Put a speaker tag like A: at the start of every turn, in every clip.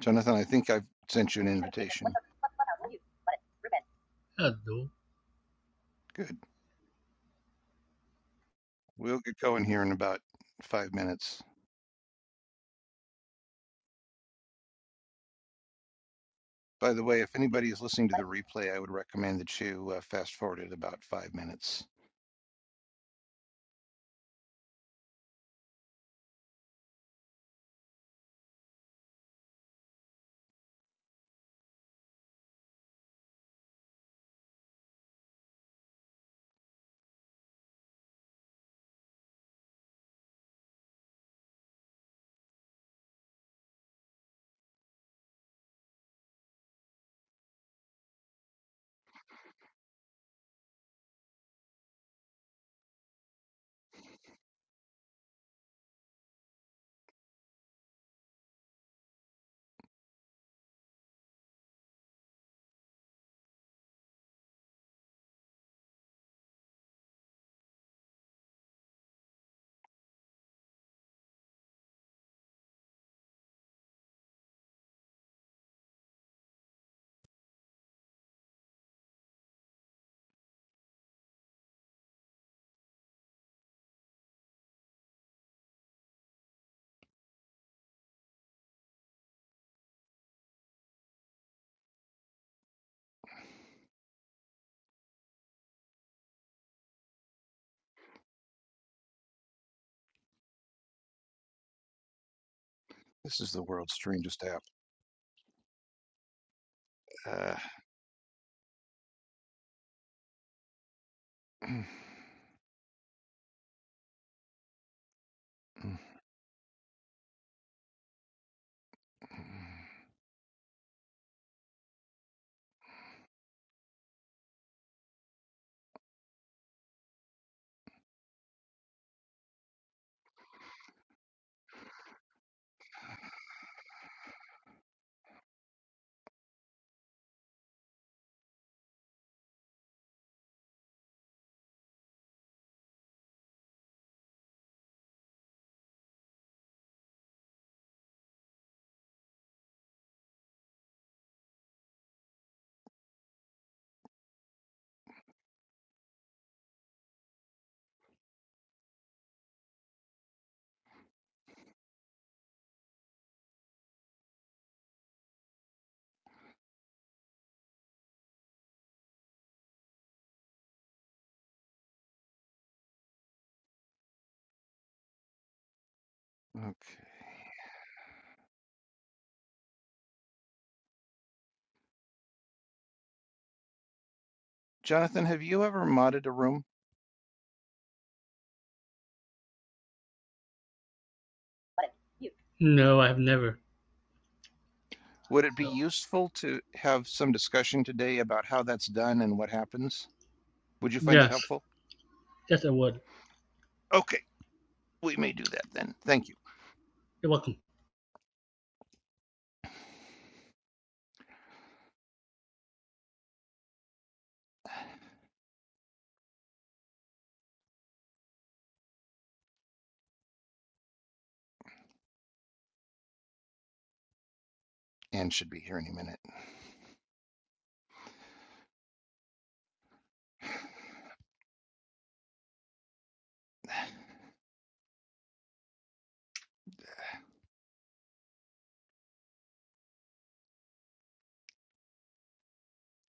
A: Jonathan, I think I've sent you an invitation.
B: I do.
A: Good. We'll get going here in about five minutes. By the way, if anybody is listening to the replay, I would recommend that you uh, fast forward it about five minutes. This is the world's strangest app. Uh, okay. Jonathan, have you ever modded a room?
B: No, I've never.
A: Would it be
B: So
A: useful to have some discussion today about how that's done and what happens? Would you find that
B: yes,
A: helpful?
B: yes, I would.
A: Okay, we may do that then. Thank you.
B: You're welcome.
A: Anne should be here any minute.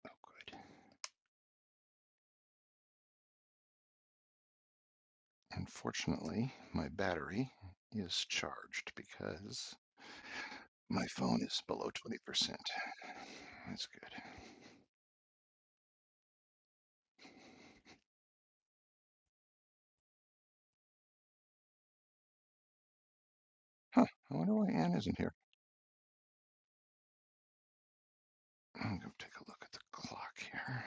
A: Oh, Unfortunately, my battery is charged because my phone is below 20%. That's good. Huh, I wonder why Ann isn't here. I'm going to take a look at the clock here.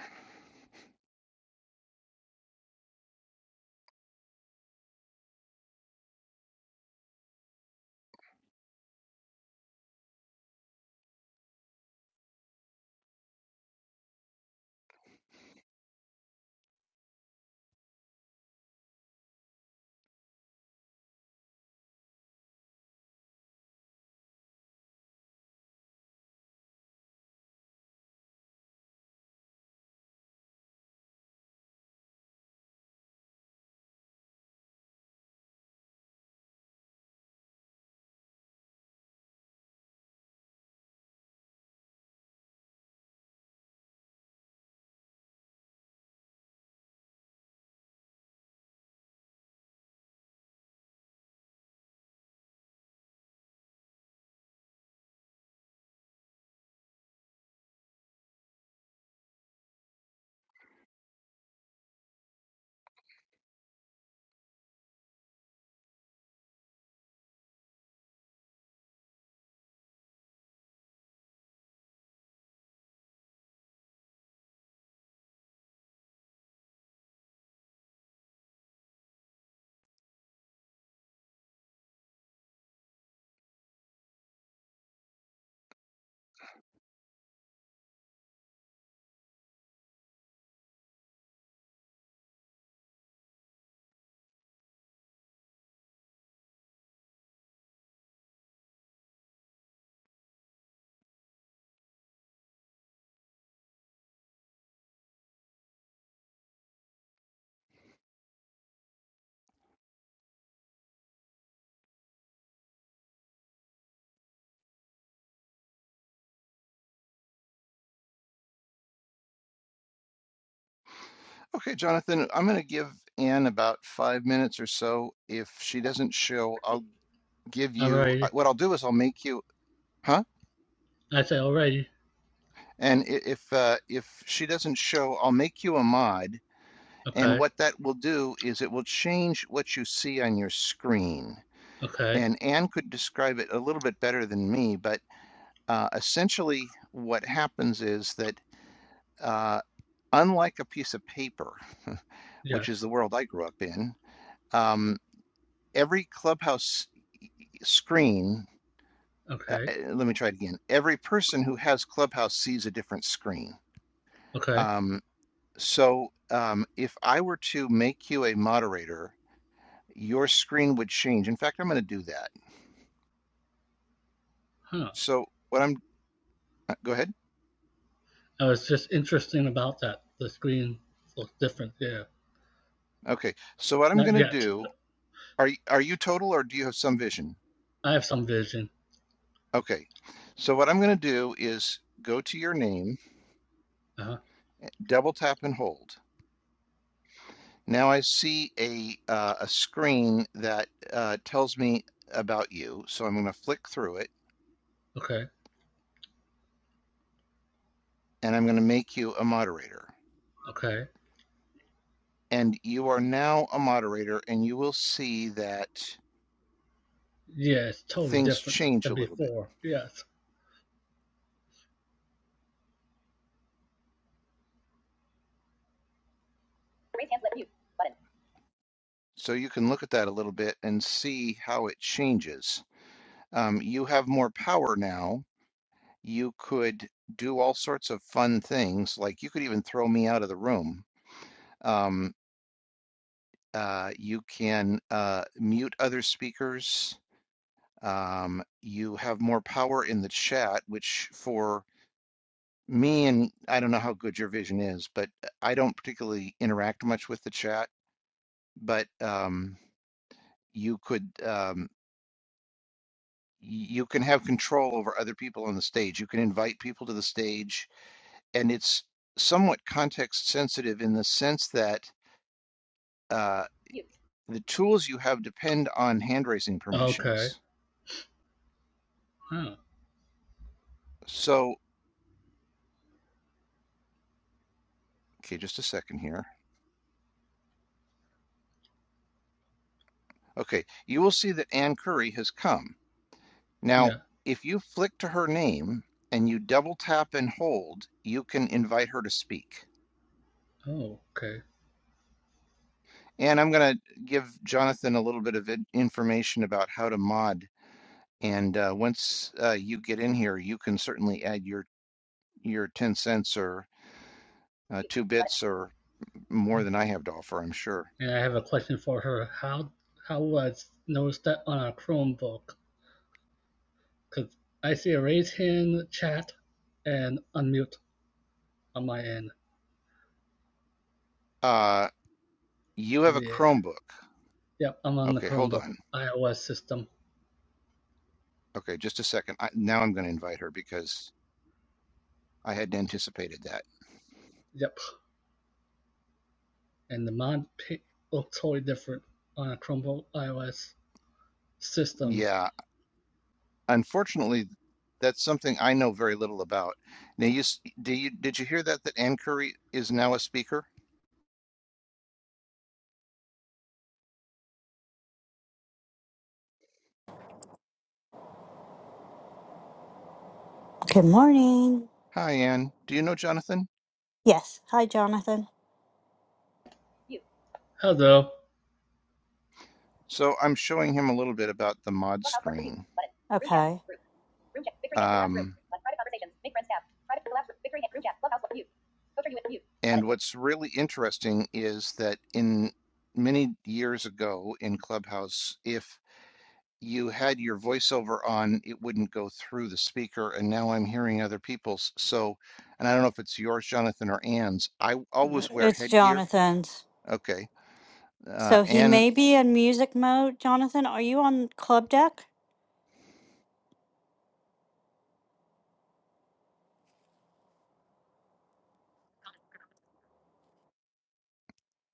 A: Okay, Jonathan, I'm going to give Ann about five minutes or so. If she doesn't show, I'll give you uh,
B: Alrighty.
A: what I'll do is I'll make you, huh?
B: I say alrighty.
A: And if uh, if she doesn't show, I'll make you a mod. And
B: Okay.
A: what that will do is it will change what you see on your screen.
B: Okay.
A: and Anne could describe it a little bit better than me, but uh, essentially what happens is that uh, unlike a piece of paper, which
B: Yes.
A: is the world I grew up in, um, every clubhouse screen, uh,
B: Okay.
A: uh, let me try it again, every person who has clubhouse sees a different screen.
B: Okay.
A: Um, so um, if I were to make you a moderator, your screen would change. In fact, I'm going to do that.
B: Huh.
A: So what I'm, uh, go ahead.
B: I was just interesting about that. The screen looks different. Yeah.
A: Okay. So what I'm
B: Not
A: going to
B: yet.
A: do Are y- are you total or do you have some vision?
B: I have some vision.
A: Okay. So what I'm going to do is go to your name,
B: Uh huh.
A: double tap and hold. Now I see a uh, a screen that uh, tells me about you. So I'm going to flick through it
B: Okay.
A: and I'm going to make you a moderator.
B: Okay.
A: And you are now a moderator and you will see that
B: Yeah, it's totally
A: things
B: different
A: change a
B: than
A: little bit.
B: before. Yes.
A: So you can look at that a little bit and see how it changes. Um, you have more power now you could do all sorts of fun things. Like you could even throw me out of the room. Um, uh, you can uh, mute other speakers. Um, you have more power in the chat, which for me and I don't know how good your vision is, but I don't particularly interact much with the chat. But um, you could um, you can have control over other people on the stage. You can invite people to the stage, and it's somewhat context sensitive in the sense that uh, the tools you have depend on hand raising
B: Okay.
A: permissions.
B: Huh.
A: So, okay, just a second here. Okay, you will see that Ann Curry has come. Now,
B: Yeah.
A: if you flick to her name and you double tap and hold, you can invite her to speak.
B: Oh, okay.
A: And I'm going to give Jonathan a little bit of information about how to mod. And uh, once uh, you get in here, you can certainly add your your 10 cents or uh, two bits or more than I have to offer, I'm sure.
B: And I have a question for her. How how would I s- notice that on a Chromebook? Cause I see a raise hand chat and unmute on my end.
A: Uh, You have a
B: Yeah.
A: Chromebook.
B: Yep. I'm on the
A: Okay, hold
B: Chromebook
A: on.
B: iOS system.
A: Okay, just a second. I, now I'm going to invite her because I hadn't anticipated that.
B: Yep. And the mod pic looks totally different on a Chromebook iOS system.
A: Yeah, unfortunately, that's something I know very little about. Now, you s- do you did you hear that that Ann Curry is now a speaker?
C: Good morning.
A: Hi, Ann. Do you know Jonathan?
C: Yes. Hi, Jonathan.
B: Hello.
A: So I'm showing him a little bit about the mod screen.
C: Okay.
A: Um, and what's really interesting is that in many years ago in Clubhouse, if you had your voiceover on, it wouldn't go through the speaker, and now I'm hearing other people's. So, and I don't know if it's yours, Jonathan, or Ann's. I always wear
C: It's
A: headgear.
C: Jonathan's.
A: Okay. Uh,
C: So he
A: and
C: may be in music mode. Jonathan, are you on club deck?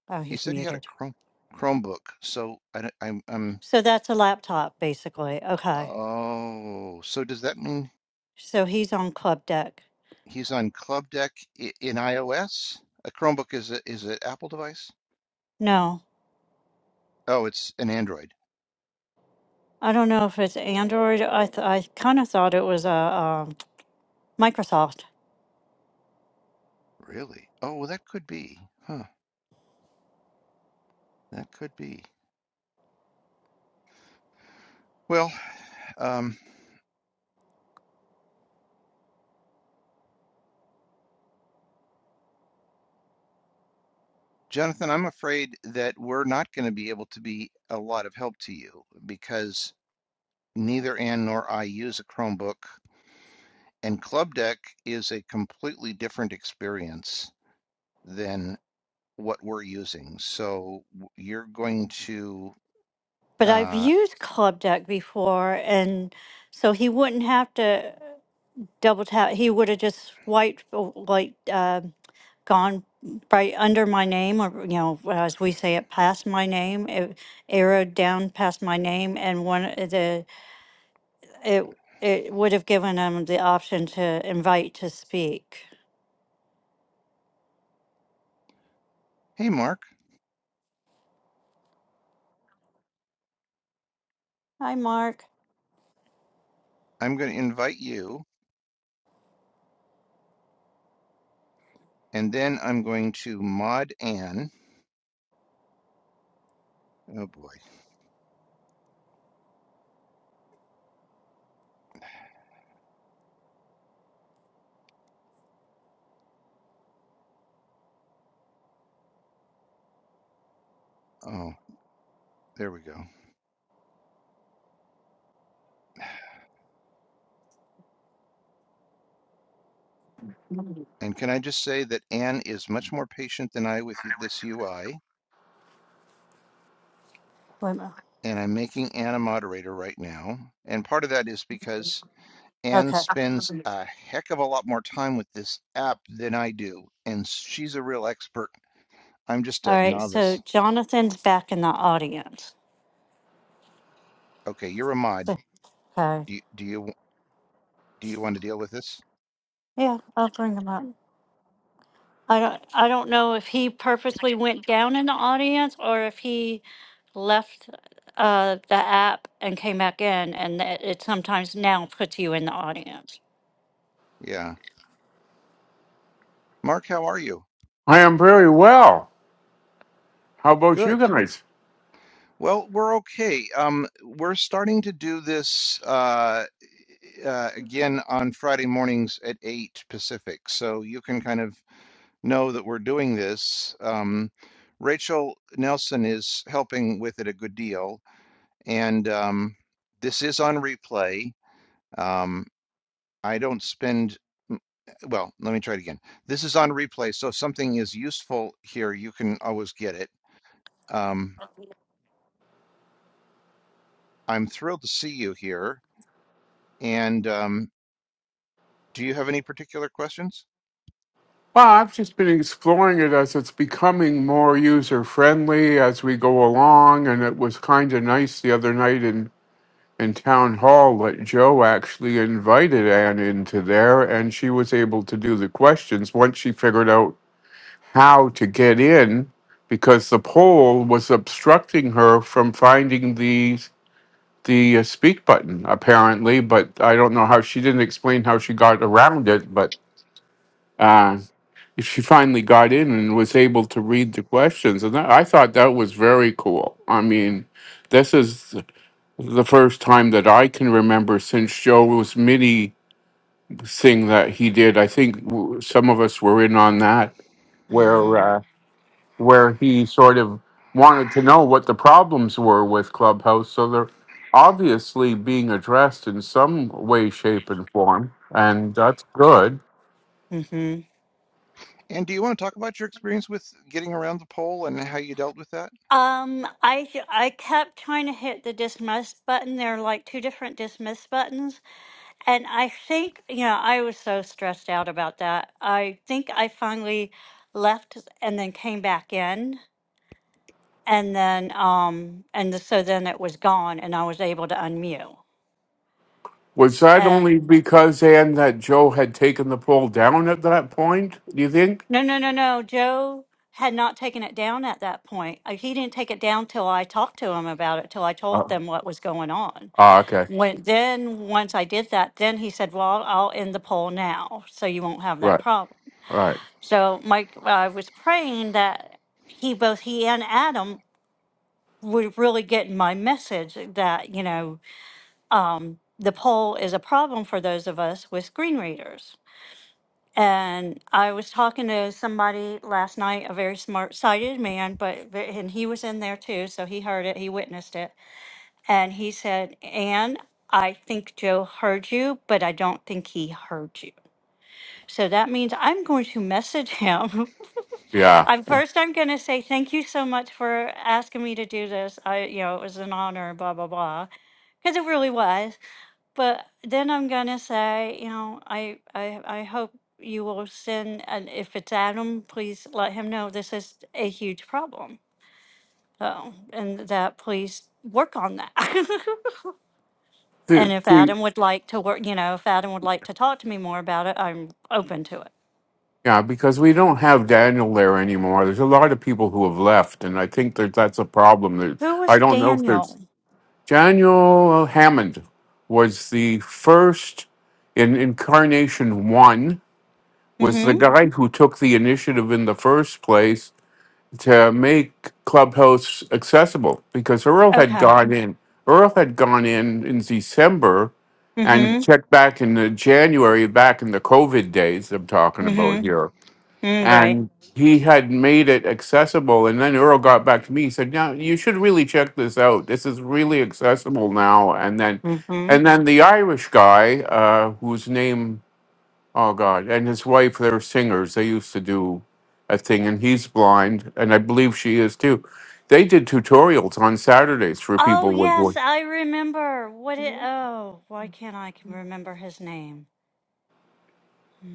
C: Oh,
A: he
C: he's
A: said he had a
C: muted.
A: Chrome Chromebook. So I, don't- I'm, I'm,
C: So that's a laptop, basically. Okay.
A: oh, so does that mean
C: So he's on club deck.
A: he's on Club Deck i- in iOS? A Chromebook is a, is an Apple device?
C: No,
A: Oh, it's an Android.
C: I don't know if it's Android. I th- I kind of thought it was a um, Microsoft,
A: Really? Oh, well, that could be. Huh. That could be. Well, um, Jonathan, I'm afraid that we're not going to be able to be a lot of help to you because neither Ann nor I use a Chromebook, and Club Deck is a completely different experience than what we're using. So you're going to,
C: but I've
A: uh,
C: used club deck before, and so he wouldn't have to double tap. He would have just swiped uh, like. um, gone right under my name, or, you know, as we say it, past my name, it arrowed down past my name, and one, of the, it, it would have given them the option to invite to speak.
A: hey, Mark,
C: Hi, Mark.
A: I'm going to invite you, and then I'm going to mod Ann. Oh, boy. Oh, there we go. And can I just say that Ann is much more patient than I with this UI.
C: Wait a minute.
A: and I'm making Ann a moderator right now. And part of that is because Ann
C: Okay.
A: spends a heck of a lot more time with this app than I do, and she's a real expert. I'm just
C: All
A: a
C: right. So
A: novice.
C: Jonathan's back in the audience.
A: Okay, you're a mod.
C: So- Okay.
A: Do you, do you do you want to deal with this?
C: Yeah, I'll bring him up. I don't, I don't know if he purposely went down in the audience or if he left uh, the app and came back in, and that it sometimes now puts you in the audience.
A: Yeah. Mark, how are you?
D: I am very well. How about you
A: Good.
D: guys?
A: Well, we're okay. Um, we're starting to do this uh, e, e, uh, again on Friday mornings at eight Pacific, so you can kind of know that we're doing this. Um, Rachel Nelson is helping with it a good deal, and um, this is on replay. Um, I don't spend, well, let me try it again. This is on replay, so if something is useful here, you can always get it. Um, I'm thrilled to see you here. And um, do you have any particular questions?
D: Well, I've just been exploring it as it's becoming more user friendly as we go along, and it was kind of nice the other night in, in town hall that Joe actually invited Anne into there, and she was able to do the questions once she figured out how to get in because the poll was obstructing her from finding the the uh, speak button apparently but i don't know how she didn't explain how she got around it but. Uh, she finally got in and was able to read the questions, and that, I thought that was very cool. I mean, this is the first time that I can remember since Joe's MIDI thing that he did. I think w- some of us were in on that, where
C: hmm
D: uh, where he sort of wanted to know what the problems were with Clubhouse. So they're obviously being addressed in some way, shape, and form, and that's good.
C: hmm
A: And do you want to talk about your experience with getting around the poll and how you dealt with that?
C: Um, I j- I kept trying to hit the dismiss button. There are like two different dismiss buttons, and I think you know I was so stressed out about that. I think I finally left and then came back in And then, um, and the, so then it was gone and I was able to unmute.
D: Was that only
C: And
D: because, Ann, that Joe had taken the poll down at that point, do you think?
C: no, no, no, no, Joe had not taken it down at that point. Uh, He didn't take it down till I talked to him about it, till I told
D: Uh,
C: them what was going on.
D: ah, okay.
C: When, then, once I did that, then he said, well, I'll end the poll now, so you won't have that
D: Right,
C: problem.
D: right.
C: So Mike, uh, I was praying that he, both he and Adam would really get my message that, you know, um, the poll is a problem for those of us with screen readers. And I was talking to somebody last night, a very smart sighted man, but but- and he was in there too, so he heard it, he witnessed it, and he said, "Anne, I think Joe heard you, but I don't think he heard you." So that means I'm going to message him.
D: Yeah.
C: I'm first. I'm going to say thank you so much for asking me to do this. I, you know, it was an honor. Blah blah blah because it really was. But then I'm gonna say, you know, I I I hope you will send, and if it's Adam, please let him know this is a huge problem. So, and that please work on that.
D: The,
C: and if
D: the,
C: Adam would like to work, you know, if Adam would like to talk to me more about it, I'm open to it.
D: yeah, because we don't have Daniel there anymore. There's a lot of people who have left, and I think that that's a problem. There,
C: Who was
D: I don't know if there's.
C: Daniel?
D: Daniel Hammond was the first in Incarnation One, was the
C: Mm-hmm.
D: guy who took the initiative in the first place to make Clubhouse accessible because Earl had
C: Okay.
D: gone in. Earl had gone in in December and
C: Mm-hmm.
D: checked back in the January, back in the COVID days I'm talking about
C: Mm-hmm.
D: here.
C: Mm, right.
D: And he had made it accessible. And then Earl got back to me. He said, Now you should really check this out. This is really accessible now. And then
C: Mm-hmm.
D: and then the Irish guy, uh, whose name Oh God! And his wife, they're singers. They used to do a thing, and he's blind, and I believe she is too. They did tutorials on Saturdays for
C: Oh
D: people with
C: yes,
D: voice.
C: I remember. What it? Oh, why can't I remember his name?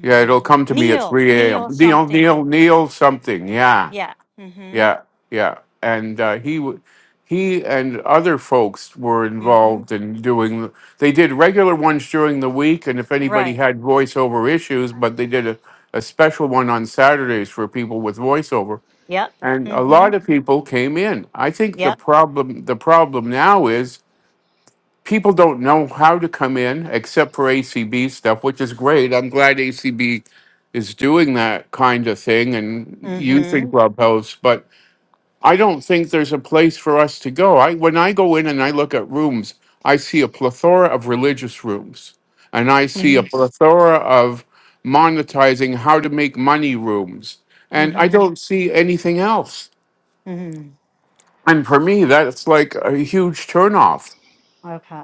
D: Yeah, it'll come to me at
C: Kneel,
D: three a.m.
C: kneel
D: Neil, Neil,
C: something.
D: Neil, something. Yeah,
C: Yeah. Mm-hmm.
D: yeah, yeah. And uh, he, w- he, and other folks were
C: Mm-hmm.
D: involved in doing. They did regular ones during the week, and if anybody
C: Right.
D: had voiceover issues, but they did a, a special one on Saturdays for people with voiceover
C: Yep.
D: and a
C: Mm-hmm.
D: lot of people came in. I think the
C: Yep.
D: problem the problem now is people don't know how to come in except for ACB stuff, which is great. I'm glad ACB is doing that kind of thing and using
C: Mm-hmm.
D: Clubhouse, but I don't think there's a place for us to go. I when I go in and I look at rooms, I see a plethora of religious rooms and I see a
C: Mm-hmm.
D: plethora of monetizing how to make money rooms. And I
C: Mm-hmm.
D: don't see anything else.
C: Mm-hmm.
D: And for me, that's like a huge turnoff
C: Okay.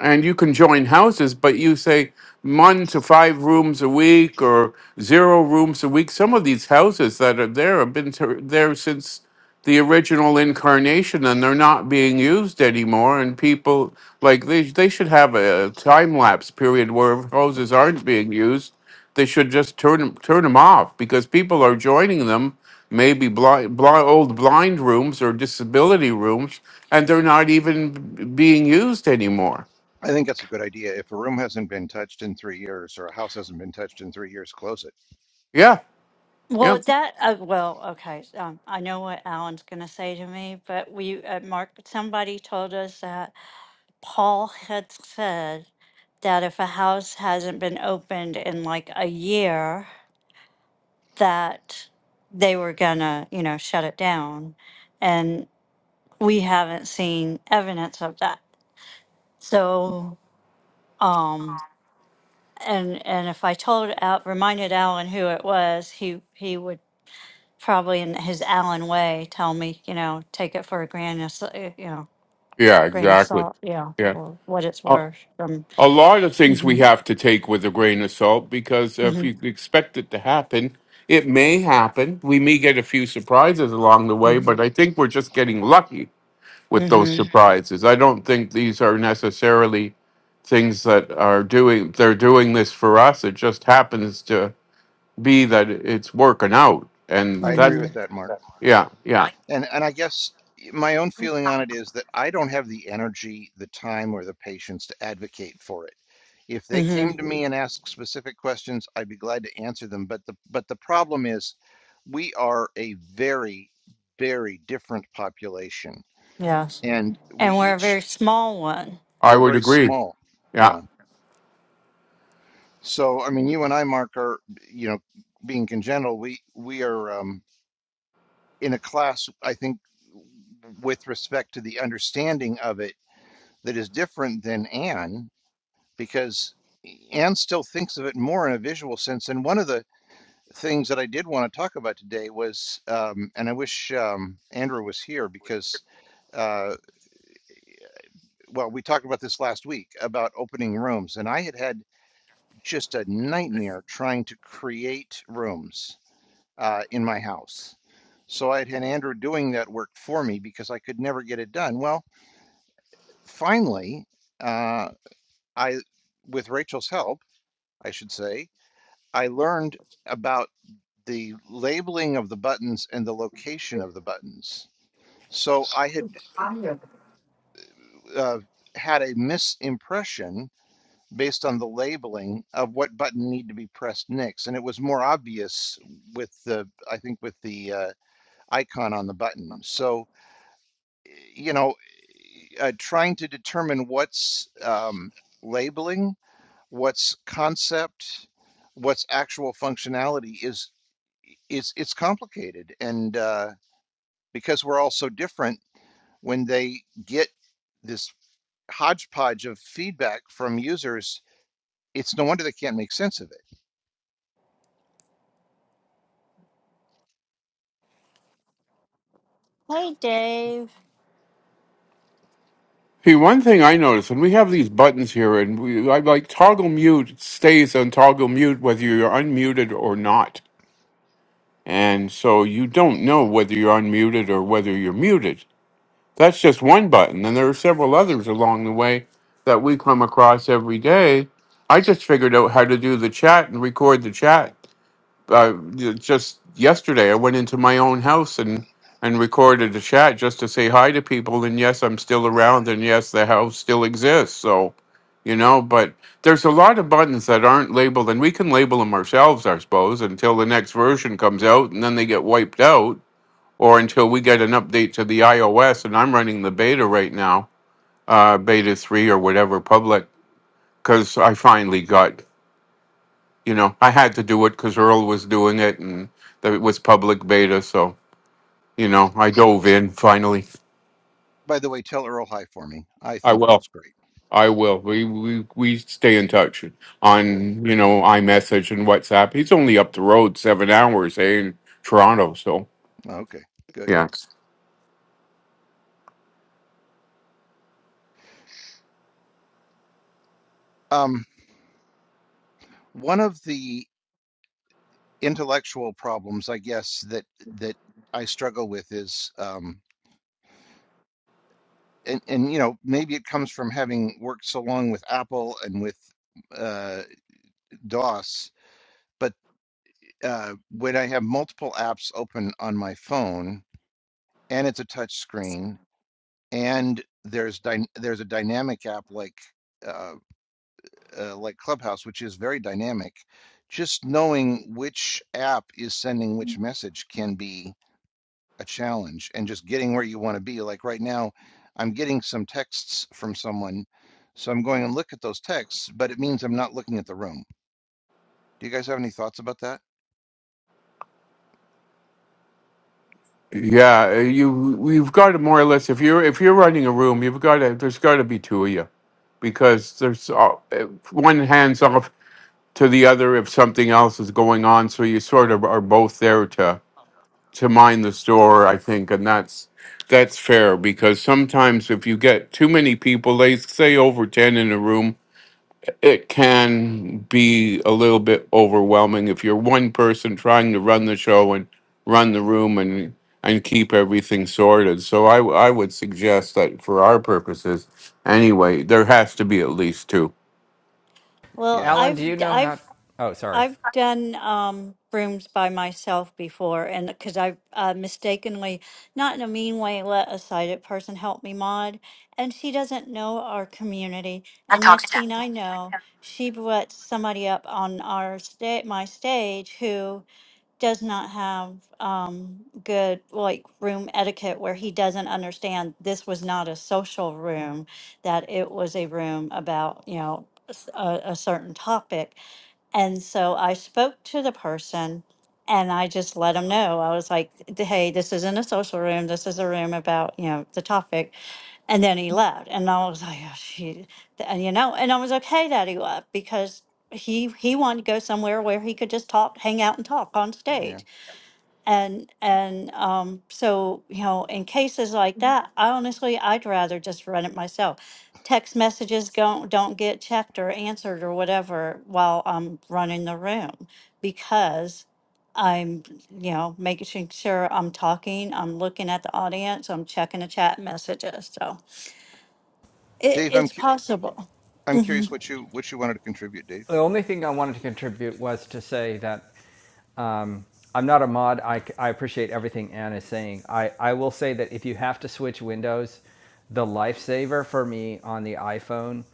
D: and you can join houses, but you say one to five rooms a week or zero rooms a week. Some of these houses that are there have been to, there since the original incarnation, and they're not being used anymore. And people like they they should have a time lapse period where if houses aren't being used. They should just turn 'em- turn them off because people are joining them. Maybe blind, blind, old blind rooms or disability rooms, and they're not even b- being used anymore.
A: I think that's a good idea. If a room hasn't been touched in three years or a house hasn't been touched in three years, close it.
D: Yeah, yeah,
C: Well, that, uh, well, okay. so, Um, I know what Alan's going to say to me, but we, uh, Mark, somebody told us that Paul had said that if a house hasn't been opened in like a year, that they were going to, you know, shut it down. we haven't seen evidence of that. So, um, and and if I told Al, reminded Alan who it was, he he would probably in his Alan way tell me, you know, take it for a grain of sa- you know
D: yeah,
C: grain of
D: exactly.
C: salt, yeah,
D: Yeah.
C: or what it's
D: A,
C: worth. From
D: a lot of things we
C: hmm
D: have to take with a grain of salt because
C: mm-hmm,
D: if you expect it to happen, it may happen. We may get a few surprises along the way,
C: mm-hmm,
D: but I think we're just getting lucky with those
C: mm-hmm,
D: surprises. I don't think these are necessarily things that are doing, they're doing this for us. It just happens to be that it's working out. And
A: I agree
D: that,
A: with
C: mm-hmm,
A: that, Mark.
D: yeah, yeah,
A: And and I guess my own feeling on it is that I don't have the energy, the time, or the patience to advocate for it. If they
C: mm-hmm,
A: came to me and asked specific questions, I'd be glad to answer them. But the but the problem is we are a very, very different population.
C: yes,
A: And we
C: and we're a
A: each
C: very small one.
D: I
A: we're
D: would
A: very
D: agree.
A: small. Yeah.
D: Yeah.
A: So, I mean, you and I, Mark, are, you know, being congenital, we we are um, in a class, I think, with respect to the understanding of it that is different than Anne, because Anne still thinks of it more in a visual sense. And one of the things that I did want to talk about today was, um, and I wish um, Andrew was here because, uh, well, we talked about this last week about opening rooms, and I had had just a nightmare trying to create rooms uh, in my house. So I had Andrew doing that work for me because I could never get it done. Well, finally, uh, I, with Rachel's help, I should say, I learned about the labeling of the buttons and the location of the buttons. So I had uh, had a misimpression based on the labeling of what button needed to be pressed next, and it was more obvious with the, I think, with the uh, icon on the button. So you know, uh, trying to determine what's um, labeling, what's concept, what's actual functionality is is it's complicated, and uh, because we're all so different, when they get this hodgepodge of feedback from users, it's no wonder they can't make sense of it.
C: Hey, Dave.
D: See one thing I noticed when we have these buttons here, and we, I like toggle mute stays on toggle mute whether you're unmuted or not, and so you don't know whether you're unmuted or whether you're muted. That's just one button, and there are several others along the way that we come across every day. I just figured out how to do the chat and record the chat uh, you know, just yesterday I went into my own house and and recorded a chat just to say hi to people and yes I'm still around and yes the house still exists so you know but there's a lot of buttons that aren't labeled and we can label them ourselves I suppose until the next version comes out and then they get wiped out or until we get an update to the iOS and I'm running the beta right now uh beta 3 or whatever public cuz I finally got you know, I had to do it because Earl was doing it, and that it was public beta. So you know, I dove in finally.
A: By the way, tell Earl hi for me. I
D: I
A: think
D: will.
A: Earl's great.
D: I will. We we we stay in touch
A: Good.
D: on you know iMessage and WhatsApp. He's only up the road seven hours, eh, in Toronto. So
A: Okay. Good.
D: yeah.
A: Um, one of the intellectual problems, I guess, that that I struggle with is um and and you know, maybe it comes from having worked so long with Apple and with uh DOS, but uh when I have multiple apps open on my phone and it's a touch screen and there's dy there's a dynamic app like uh, uh like Clubhouse which is very dynamic, just knowing which app is sending which message can be a challenge and just getting where you want to be. Like right now, I'm getting some texts from someone, so I'm going and look at those texts, but it means I'm not looking at the room. Do you guys have any thoughts about that?
D: Yeah, you we've got to more or less if you're if you're running a room, you've got to there's got to be two of you because there's uh, one hands off to the other if something else is going on, so you sort of are both there to to mind the store, I think, and that's that's fair because sometimes if you get too many people, they say over ten in a room, it can be a little bit overwhelming if you're one person trying to run the show and run the room and and keep everything sorted. So I w- I would suggest that for our purposes, anyway, there has to be at least two.
C: Well,
A: Yeah,
E: Alan,
C: I've
E: do you know how?
C: I've
E: Oh, sorry.
C: I've done um, rooms by myself before, and because I've uh, mistakenly, not in a mean way, let a sighted person help me mod, and she doesn't know our community. And next thing I know, she lets somebody up on our sta- my stage who does not have um, good like room etiquette, where he doesn't understand this was not a social room, that it was a room about you know s- a, a certain topic and so I spoke to the person and I just let them know. I was like, hey, this isn't a social room. This is a room about, you know, the topic. And then he left. And I was like, oh, shoot. And, you know, and I was okay that he left because he he wanted to go somewhere where he could just talk, hang out and talk on stage
A: yeah.
C: and and um so you know in cases like that i honestly i'd rather just run it myself text messages don't don't get checked or answered or whatever while i'm running the room because i'm you know making sure i'm talking i'm looking at the audience i'm checking the chat messages so it,
A: Dave, I'm
C: it's
A: cu-
C: possible
A: I'm
C: hmm
A: curious what you what you wanted to contribute, Dave.
E: The only thing I wanted to contribute was to say that um, I'm not a mod. I, I appreciate everything Anne is saying. I, I will say that if you have to switch windows, the lifesaver for me on the iPhone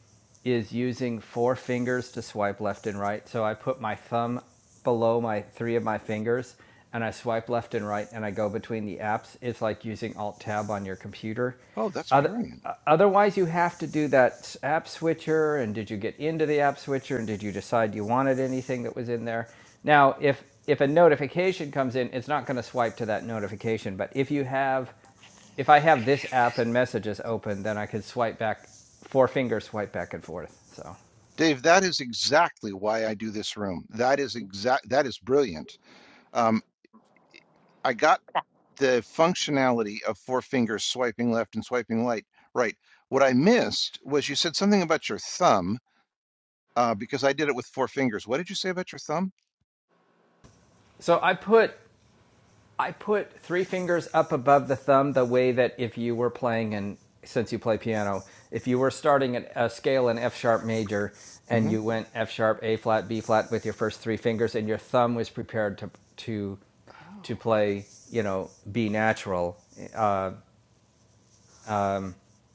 E: is using four fingers to swipe left and right. So I put my thumb below my three of my fingers and I swipe left and right and I go between the apps. It's like using Alt Tab on your computer
A: Oh, that's
E: Other,
A: brilliant.
E: otherwise, you have to do that app switcher. And did you get into the app switcher? And did you decide you wanted anything that was in there? Now, if if a notification comes in, it's not going to swipe to that notification. But if you have, if I have this app and messages open, then I could swipe back, four fingers swipe back and forth. So,
A: Dave, that is exactly why I do this room. That is exact. That is brilliant. Um, I got the functionality of four fingers swiping left and swiping right. right. What I missed was you said something about your thumb, uh, because I did it with four fingers. What did you say about your thumb?
E: so I put I put three fingers up above the thumb the way that if you were playing and since you play piano, if you were starting at a scale in F sharp major and
A: hmm
E: you went F sharp, A flat, B flat with your first three fingers and your thumb was prepared to to to
A: Oh,
E: play, you know, B natural, uh,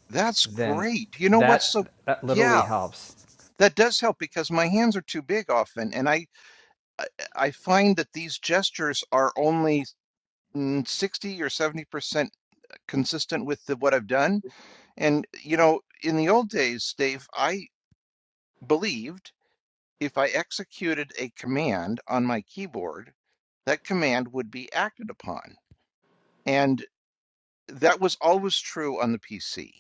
A: that's
E: then
A: great. You know what's
E: that
A: so,
E: that literally
A: yeah,
E: helps.
A: that does help because my hands are too big often, and I I I find that these gestures are only mm, 60 or 70% consistent with the, what I've done. And, you know, in the old days, Dave, I believed if I executed a command on my keyboard, that command would be acted upon. And that was always true on the PC.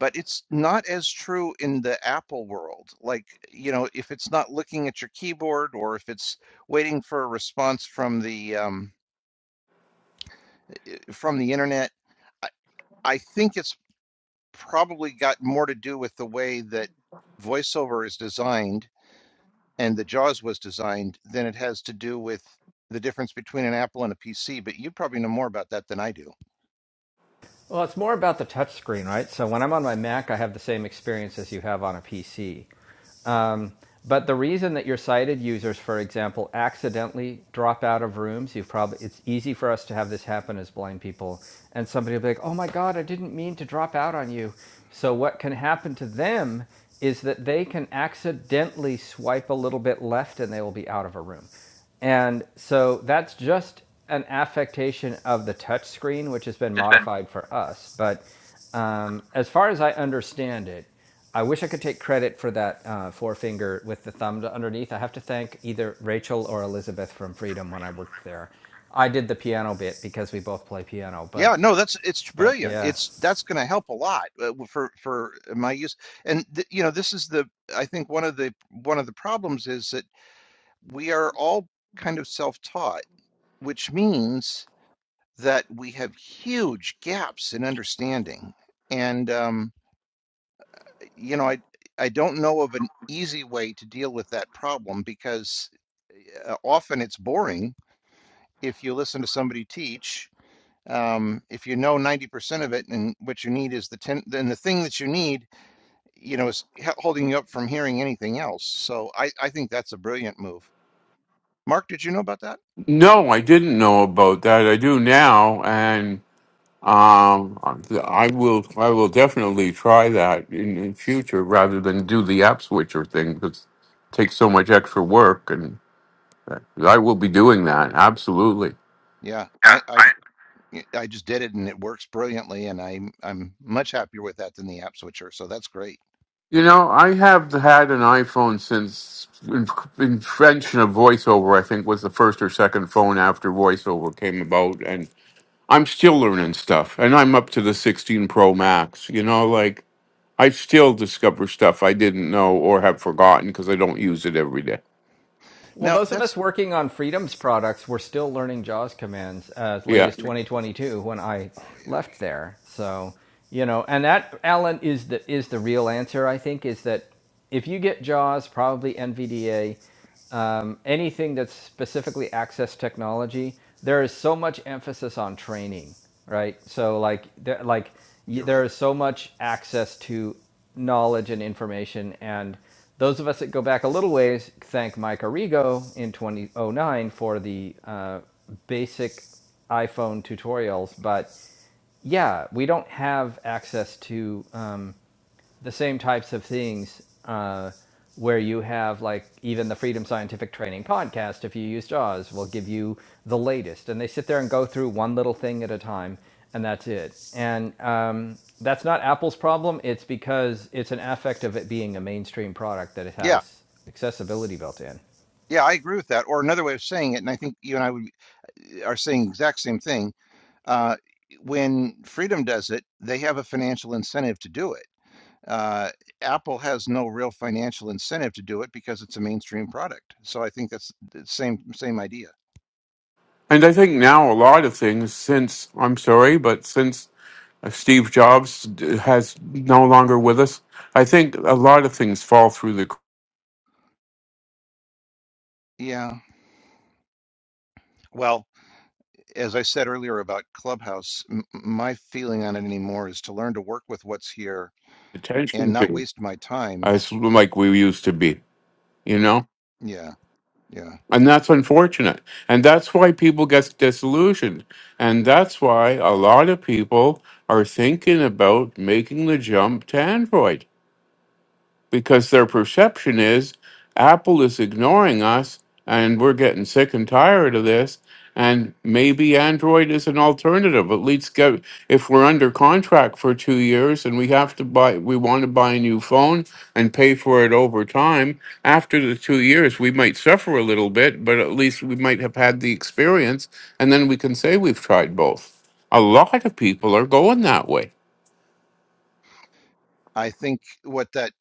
A: But it's not as true in the Apple world. Like, you know, if it's not looking at your keyboard or if it's waiting for a response from the um, from the internet, I, I think it's probably got more to do with the way that VoiceOver is designed and the JAWS was designed, then it has to do with the difference between an Apple and a PC. But you probably know more about that than I do.
E: Well, it's more about the touch screen, right? So when I'm on my Mac, I have the same experience as you have on a PC. But the reason that your sighted users, for example, accidentally drop out of rooms, you probably it's easy for us to have this happen as blind people, and somebody will be like, "Oh my God, I didn't mean to drop out on you." So what can happen to them is that they can accidentally swipe a little bit left, and they will be out of a room. And so that's just an affectation of the touch screen, which has been modified for us. But um, as far as I understand it, I wish I could take credit for that uh, forefinger with the thumb underneath. I have to thank either Rachel or Elizabeth from Freedom when I worked there. I did the piano bit because we both play piano, but
A: Yeah, no, that's it's
E: but
A: brilliant.
E: yeah.
A: It's that's going to help a lot uh, for for uh, my use. And th you know, this is the I think one of the one of the problems is that we are all kind of self-taught, which means that we have huge gaps in understanding. And um, you know, I I don't know of an easy way to deal with that problem because uh, often it's boring if you listen to somebody teach. Um, if you know 90% of it and what you need is the 10, then the thing that you need, you know, is holding you up from hearing anything else. So I, I think that's a brilliant move. Mark, did you know about that?
D: No, I didn't know about that. I do now, and. Um, I will. I will definitely try that in, in future, rather than do the app switcher thing because it takes so much extra work. And I will be doing that absolutely.
A: Yeah, I, I, I just did it and it works brilliantly. And I'm, I'm much happier with that than the app switcher. So that's great.
D: You know, I have had an iPhone since in- invention of VoiceOver. I think was the first or second phone after VoiceOver came about, and I'm still learning stuff. And I'm up to the 16 Pro Max. You know, like I still discover stuff I didn't know or have forgotten because I don't use it every day.
E: Well,
A: Now
E: those of
A: that's,
E: us working on Freedom's products were still learning JAWS commands as late
D: Yeah.
E: as 2022 when I
A: oh yeah,
E: left there. So, you know, and that, Alan, is the, is the real answer, I think, is that if you get JAWS, probably NVDA, um, anything that's specifically access technology, there is so much emphasis on training, right? So, like, there, like
A: you're
E: there
A: right.
E: is so much access to knowledge and information and those of us that go back a little ways thank Mike Arrigo in 2009 for the uh, basic iPhone tutorials. But yeah, we don't have access to. Um, the same types of things uh, where you have like even the freedom scientific training podcast if you use jaws will give you the latest and they sit there and go through one little thing at a time and that's it and um, that's not apple's problem it's because it's an affect of it being a mainstream product that it
A: Yeah.
E: has accessibility built in
A: Yeah, I agree with that. Or another way of saying it, and I think you and I would, uh, are saying the exact same thing uh, when Freedom does it, they have a financial incentive to do it. Uh, Apple has no real financial incentive to do it because it's a mainstream product. So I think that's the same same idea.
D: And I think now a lot of things since, I'm sorry, but since uh, Steve Jobs d- has no longer with us, I think a lot of things fall through the cr-
A: Yeah. Well, as I said earlier about Clubhouse, m- m- my feeling on it anymore is to learn to work with what's here and
D: attention
A: not
D: to
A: waste my time.
D: as like we used to be, you know?
A: Yeah. Yeah.
D: And that's unfortunate. And that's why people get disillusioned. And that's why a lot of people are thinking about making the jump to Android. because their perception is Apple is ignoring us and we're getting sick and tired of this. And maybe Android is an alternative. At least get if we're under contract for two years and we have to buy we want to buy a new phone and pay for it over time, after the two years we might suffer a little bit, but at least we might have had the experience and then we can say we've tried both. A lot of people are going that way.
A: I think what that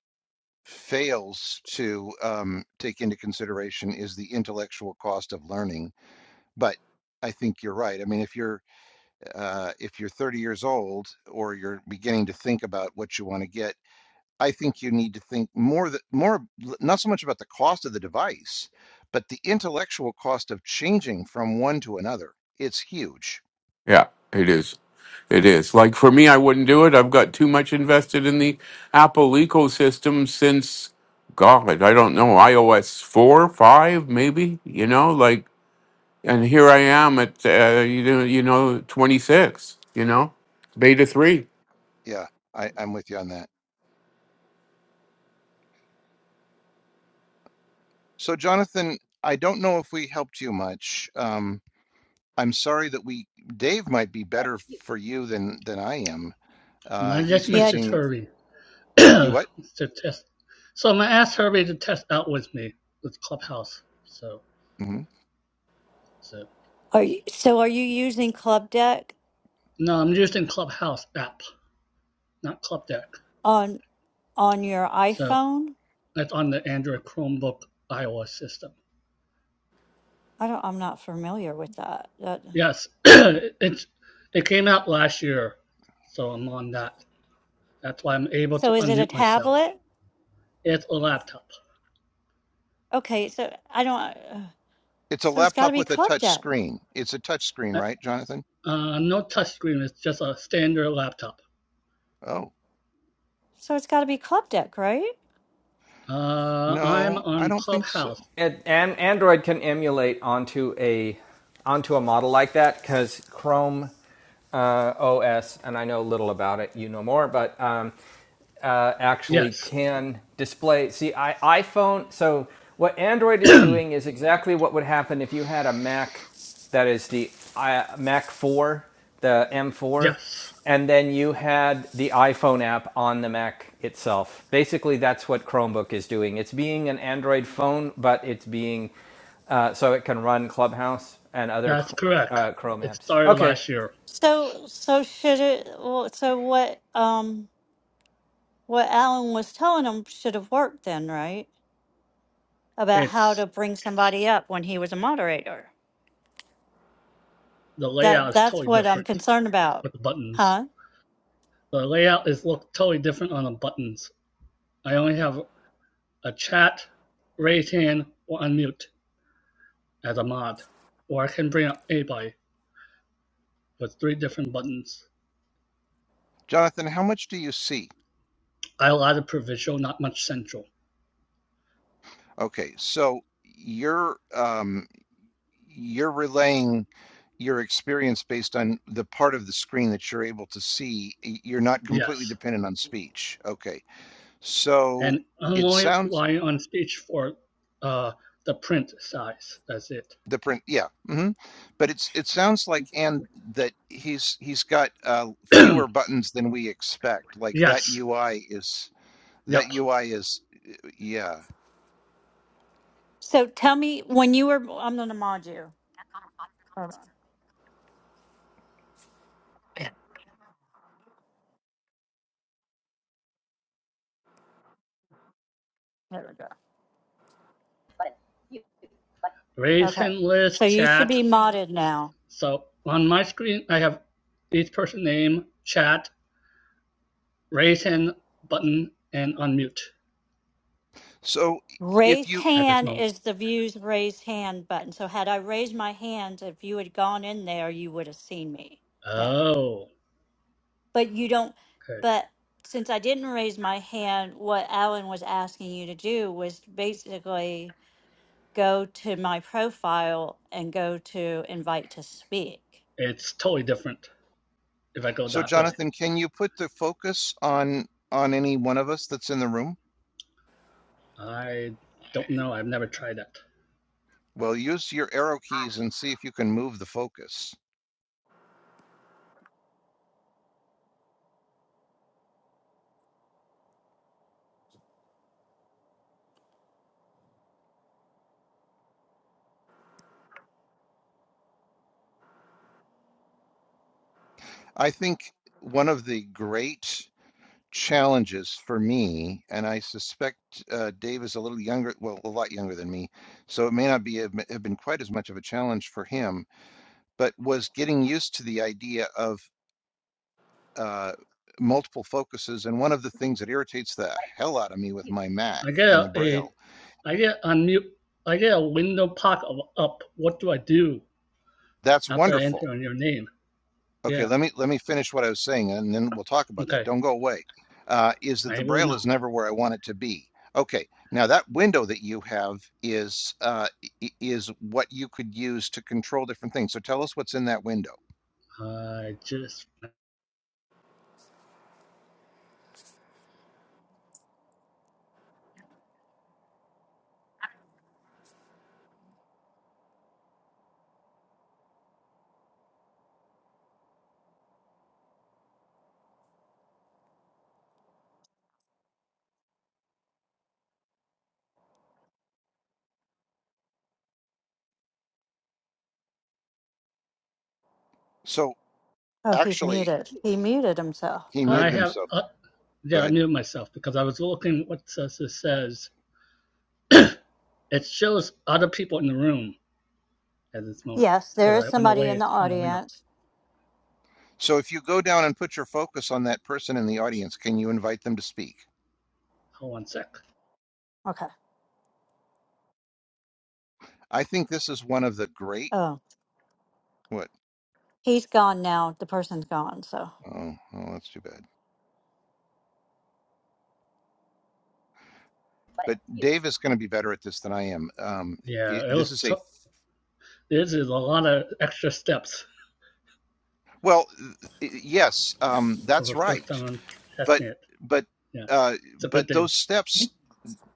A: fails to um, take into consideration is the intellectual cost of learning But I think you're right. I mean, if you're uh, if you're 30 years old or you're beginning to think about what you want to get, I think you need to think more that more not so much about the cost of the device, but the intellectual cost of changing from one to another. It's huge.
D: Yeah, it is. It is. Like for me, I wouldn't do it. I've got too much invested in the Apple ecosystem since, God, I don't know, iOS 4, 5, maybe, you know, like, and here I am at, uh, you know, you know, 26, you know, beta
A: Yeah,
D: 3.
A: yeah, I, I'm with you on that. So, Jonathan, I don't know if we helped you much. Um, I'm sorry that we Dave might be better for you than than I am. Uh,
B: I just
A: he's
C: yeah d-
B: messaged
A: using
B: Herbie
A: you
B: to
A: what?
B: test. So I'm gonna ask Herbie to test out with me with Clubhouse. So,
A: Mhm.
B: so
C: are you, so are you using club deck
B: no, I'm using Clubhouse app, not Club Deck.
C: on on your
B: So
C: iphone
B: that's on the Android Chromebook iOS system.
C: I don't, I'm not familiar with that. That,
B: Yes, it's it came out last year, so I'm on that. That's why I'm able
C: so
B: to
C: is it a
B: unmute myself.
C: tablet?
B: It's a laptop.
C: Okay, so I don't, uh,
A: It's a
C: so it's got to
A: laptop
C: be
A: with a
C: club
A: touch
C: deck.
A: screen. It's a touch screen,
B: Uh,
A: right, Jonathan?
B: uh, no touchscreen. It's just a standard laptop.
A: Oh,
C: So it's got to be club deck, right?
B: Uh, I'm
A: no, I
B: on
A: don't think so.
B: Clubhouse.
E: and, and android can emulate onto a onto a model like that because chrome os and i know little about it you know more but um, uh, actually
B: Yes,
E: can display. See, I, iPhone. So what Android is doing is exactly what would happen if you had a Mac that is the I, Mac 4, the M4,
B: yes,
E: and then you had the iPhone app on the Mac itself. Basically, that's what Chromebook is doing. It's being an Android phone, but it's being uh, so it can run Clubhouse and other
B: that's correct.
E: uh, Chrome
B: It
E: apps.
B: started
E: Okay.
B: last year.
C: So, so should it, well, so what, um, what Alan was telling him should have worked then, right? About how
B: It's
C: to bring somebody up when he was a moderator.
B: the
C: That,
B: layout is
C: that's
B: totally
C: what I'm
B: different
C: concerned about,
B: with the buttons.
C: huh?
B: The layout is look totally different on the buttons. I only have a chat, raise hand, or unmute. as a mod, or I can bring up a anybody with three different buttons.
A: Jonathan, how much do you see?
B: I allotted provincial, not much central.
A: Okay, so you're um, you're relaying your experience based on the part of the screen that you're able to see. Y- You're not completely
B: Yes,
A: dependent on speech. Okay, so
B: and I'm
A: it
B: only
A: sounds
B: relying on speech for uh, the print size. That's it.
A: the print, yeah, hmm but it's it sounds like and that he's he's got uh, fewer buttons than we expect. Like that
B: yes.
A: UI is. That
B: Yep.
A: UI is, eh, yeah.
C: So tell me when you were, I'm gonna mod you. Hold on, there we go.
B: Raise
C: Okay,
B: hand
C: so
B: list
C: you should
B: chat.
C: be modded now.
B: So on my screen, I have each person name, chat, raise hand button, and unmute
A: So if
C: Raised
A: you,
B: at this
C: hand
B: moment.
C: is the views raised hand button. So had I raised my hand, if you had gone in there, you would have seen me then.
B: Oh,
C: But you don't,
B: okay.
C: but since I didn't raise my hand, what Alan was asking you to do was basically go to my profile and go to invite to speak.
B: It's totally different if I go
A: so
B: that way.
A: Jonathan, can you put the focus on on any one of us that's in the room?
B: I don't know. I've never tried that.
A: Well, use your arrow keys and see if you can move the focus. I think one of the great challenges for me, and I suspect uh, Dave is a little younger, well, a lot younger than me, so it may not be have been quite as much of a challenge for him, but was getting used to the idea of uh, multiple focuses. And one of the things that irritates the hell out of me with my Mac
B: I get
A: and
B: a,
A: the
B: a
A: Braille,
B: I get unmute. I get a window pop of up. What do I do
A: that's
B: after I enter
A: wonderful.
B: on your name?
A: Okay,
B: Yeah.
A: let me let me finish what I was saying, and then we'll talk about that.
B: Okay.
A: Don't go away. Uh, is that
B: I
A: the
B: will
A: Braille is
B: not.
A: never where I want it to be? Okay, now that window that you have is uh, is what you could use to control different things. So tell us what's in that window.
B: I just
A: So
C: Oh, he's
A: actually,
C: muted. He muted himself.
A: he
C: What?
B: I
A: muted
B: have
A: himself.
B: uh,
A: Go
B: yeah. I
A: ahead.
B: mute myself because I was looking what says it says. it shows other people in the room at this moment
C: Yes,
B: because
C: there is
B: I went
C: somebody in
B: away
C: the
B: from the window.
C: audience.
A: So if you go down and put your focus on that person in the audience, can you invite them to speak?
B: Hold on a sec.
C: Okay.
A: I think this is one of the great
C: Oh,
A: what
C: he's gone now. The person's gone. So.
A: oh, oh that's too bad. But Dave is going to be better at this than I am. Um,
B: Yeah.
A: it,
B: It
A: this
B: was.
A: is
B: T-
A: a
B: this is a lot of extra steps
A: well, th- yes, um,
B: for
A: that's
B: the first
A: right.
B: time I'm
A: But
B: testing it.
A: but
B: Yes,
A: uh,
B: it's a good
A: but
B: thing.
A: those steps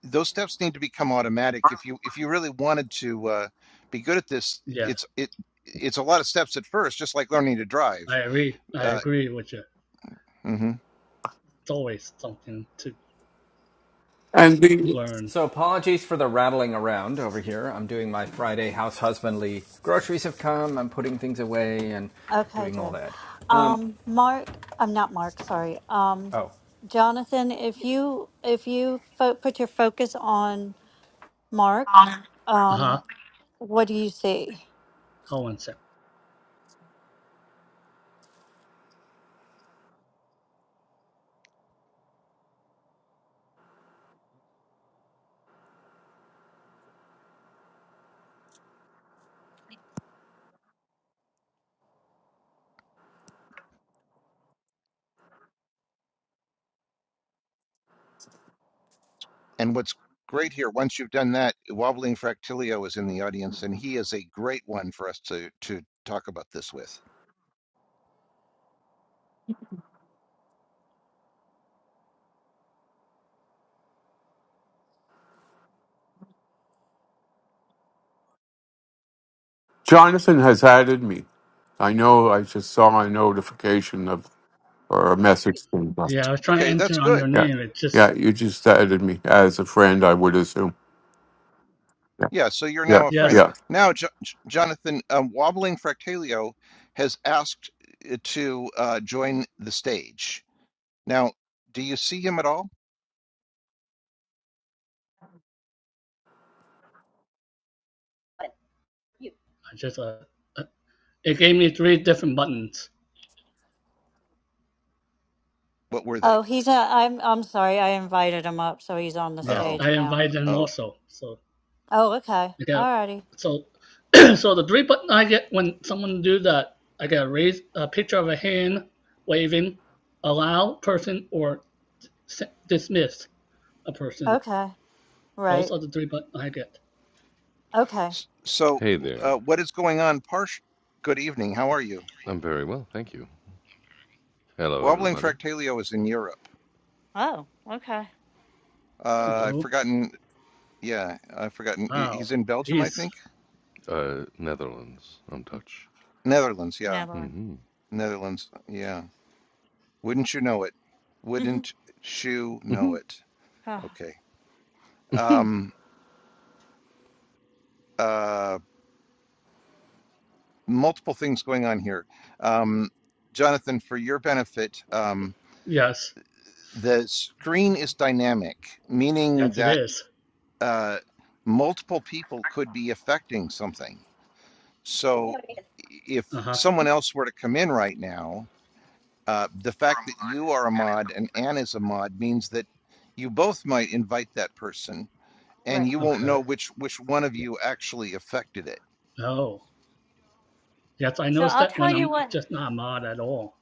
A: those steps need to become automatic. If you if you really wanted to uh, be good at this,
B: Yeah,
A: it's it it's a lot of steps at first, just like learning to drive.
B: I agree. I
A: Uh,
B: agree with you.
A: mhm.
B: It's always something to
D: And the,
B: learn.
E: So apologies for the rattling around over here. I'm doing my Friday house husbandly. Groceries have come. I'm putting things away and
C: Okay,
E: doing all
C: Dad.
E: that.
C: Um, Mark, I'm not Mark. Sorry. Um,
E: Oh,
C: Jonathan, if you if you fo- put your focus on Mark,
B: Uh huh.
C: um, what do you see?
B: Hold one sec.
A: And what's great here, once you've done that, Wobbling Fractilio is in the audience, and he is a great one for us to to talk about this with.
D: Jonathan has added me. I know I just saw a notification of, or a message. from him.
B: Yeah, I was trying to
A: Okay, that's
B: enter on your
A: good.
D: Yeah.
B: name. It
D: Yeah.
B: just
D: You just added me as a friend, I would assume. Yeah,
A: Yeah, so you're
D: Yeah.
A: now a friend.
B: yes,
D: Yeah.
A: Now, jo- J- Jonathan, um, Wobbling Fractilio has asked uh, to uh, join the stage. Now, do you see him at all?
B: I just uh, uh, it gave me three different buttons.
A: What were they?
C: Oh, he's a, I'm I'm sorry. I invited him up, so he's on the
B: Yes,
A: Oh,
C: stage
B: I
C: now.
B: invite them
A: oh.
B: also. So
C: Oh, okay.
B: I get
C: Alrighty.
B: so so the three button I get when someone do that, I get a raise a picture of a hand waving, allow person or s- dismiss a person.
C: Okay.
B: Those
C: Right.
B: are the three buttons I get.
C: Okay.
A: S- So,
F: Hey there.
A: uh, what is going on? Parsh, good evening. How are you?
F: I'm very well, thank you. Hello,
A: Wobbling
F: everybody.
A: Fractilio is in Europe.
C: Oh, okay.
A: Uh, I've
B: Hello.
A: forgotten Yeah, I've forgotten. He-
B: Wow.
A: He's in Belgium, I
B: He's
A: think.
F: Uh, Netherlands. I'm Dutch.
A: Netherlands, yeah.
C: Never. mind.
F: hmm
A: Netherlands, yeah. Wouldn't you know it?
C: Mhm.
A: Wouldn't you
F: hmm
A: know it?
C: Ah,
A: Okay. Um, uh, multiple things going on here. Um, Jonathan, for your benefit, um,
B: yes,
A: the screen is dynamic, meaning
B: yes it
A: that
B: is.
A: uh, multiple people could be affecting something. So i- if
B: Uh huh.
A: someone else were to come in right now, Uh, the fact that you are a mod and Anne is a mod means that you both might invite that person, and
C: right.
A: you won't
B: Okay.
A: know which which one of you actually affected it.
B: Oh, yes. I
C: So
B: noticed
C: I'll
B: that
C: tell
B: when
C: you
B: I'm
C: what
B: just not a mod at all.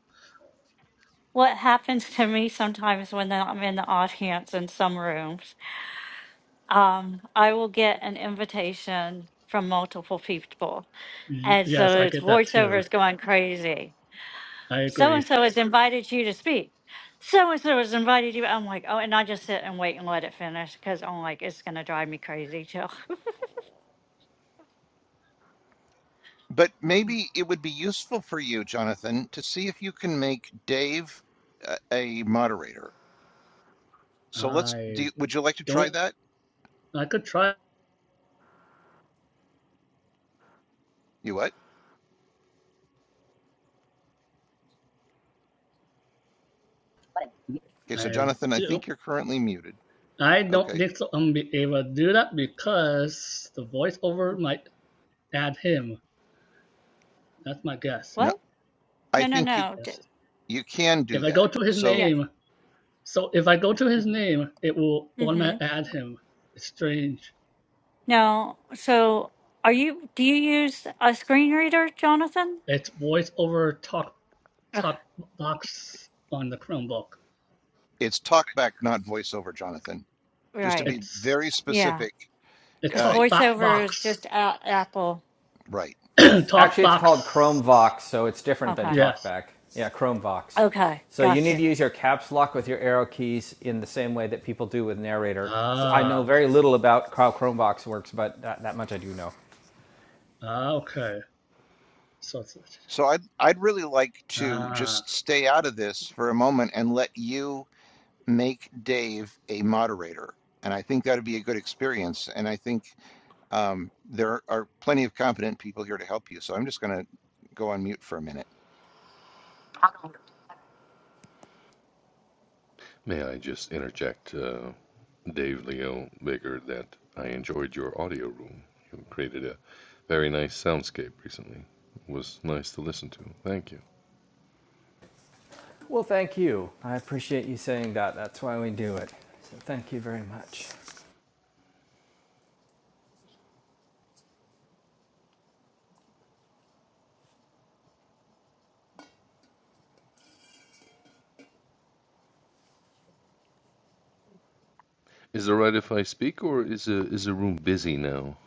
C: what happens to me sometimes when I'm in the audience in some rooms. um, I will get an invitation from multiple people.
B: Y-
C: And so
B: yes, I
C: it's
B: get that
C: voiceover
B: too.
C: is going crazy.
B: I
C: So and
B: agree.
C: so has invited you to speak. So and so has invited you. I'm like, oh, and I just sit and wait and let it finish because I'm like, it's going to drive me crazy. Too.
A: But maybe it would be useful for you, Jonathan, to see if you can make Dave a, a moderator. So let's
B: I
A: do. Would you like to try
B: don't.
A: that?
B: I could try.
A: You what? Okay, so
B: I
A: Jonathan, I
B: do.
A: think you're currently muted.
B: I don't
A: Okay.
B: think so I'm be able to do that because the voiceover might add him. That's my guess.
A: No,
C: what?
A: I
C: No, no,
A: think you
C: no.
B: Yes.
C: D-
A: you can do
B: If I go
A: that.
B: to his
A: So
C: yeah.
B: name, so if I go to his name, it will
C: Mm-hmm.
B: automatically add him. It's strange.
C: No. So are you, do you use a screen reader, Jonathan?
B: It's voiceover talk
C: Ugh,
B: talk box on the Chromebook.
A: it's talkback, not voiceover, Jonathan. Just to be
C: right.
B: It's
A: very
C: Yeah.
A: specific.
B: it's
C: Because
A: Uh,
B: talk bo-
C: voiceover is
B: box.
C: just out Apple.
A: right.
B: talk
E: actually, it's called Chromevox,
B: box.
E: so it's different than
C: Okay.
B: Yes.
E: TalkBack. Yeah, Chromevox.
C: Okay.
E: So you
C: Gotcha.
E: need to use your caps lock with your arrow keys in the same way that people do with narrator. So I know
B: Ah.
E: very little about how Chromevox works, but that, that much I do know.
B: ah, Okay. So it's-
A: So I'd I'd really like to
B: ah,
A: just stay out of this for a moment and let you make Dave a moderator. And I think that'd be a good experience. And I think um, there are plenty of competent people here to help you. So I'm just going to go on mute for a minute.
F: May I just interject, uh, Dave Leo Baker, that I enjoyed your audio room. You created a very nice soundscape recently. It was nice to listen to. Thank you.
E: Well, thank you. I appreciate you saying that. That's why we do it. So thank you very much.
F: Is it right if I speak, or is a, is the room busy now?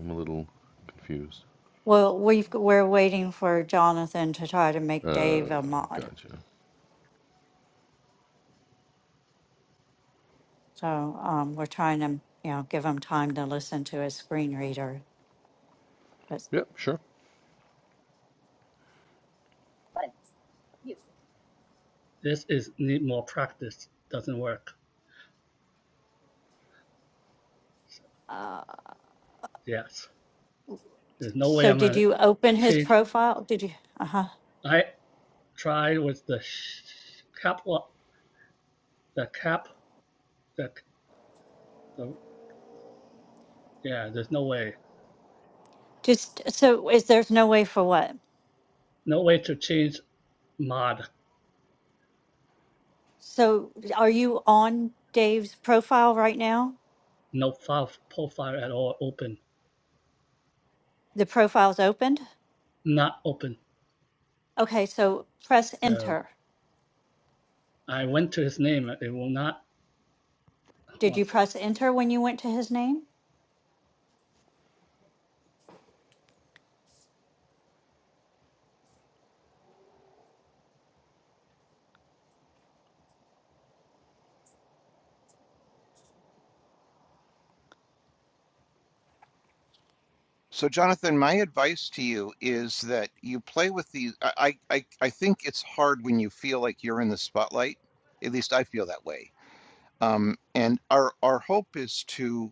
F: I'm a little confused.
C: Well, we've, g- we're waiting for Jonathan to try to make Dave
F: Uh,
C: a mod.
F: gotcha.
C: So um, we're trying to, you know, give him time to listen to his screen reader. But,
F: Yep, sure.
B: this is need more practice. Doesn't work. So, Yes. There's no way
C: so
B: I'm
C: did
B: gonna
C: you open his
B: change.
C: profile? Did you? Uh huh.
B: I tried with the sh- cap. lo- The cap. The, the yeah. There's no way.
C: Just so is there's no way for what?
B: No way to change mod.
C: So are you on Dave's profile right now?
B: No file profile at all. Open.
C: The profile's opened.
B: Not open.
C: Okay, so press
B: So
C: enter.
B: I went to his name. It will not
C: Did you
B: want
C: press enter when you went to his name?
A: So, Jonathan, my advice to you is that you play with these. I, I, I I think it's hard when you feel like you're in the spotlight. At least I feel that way. Um, and our our hope is to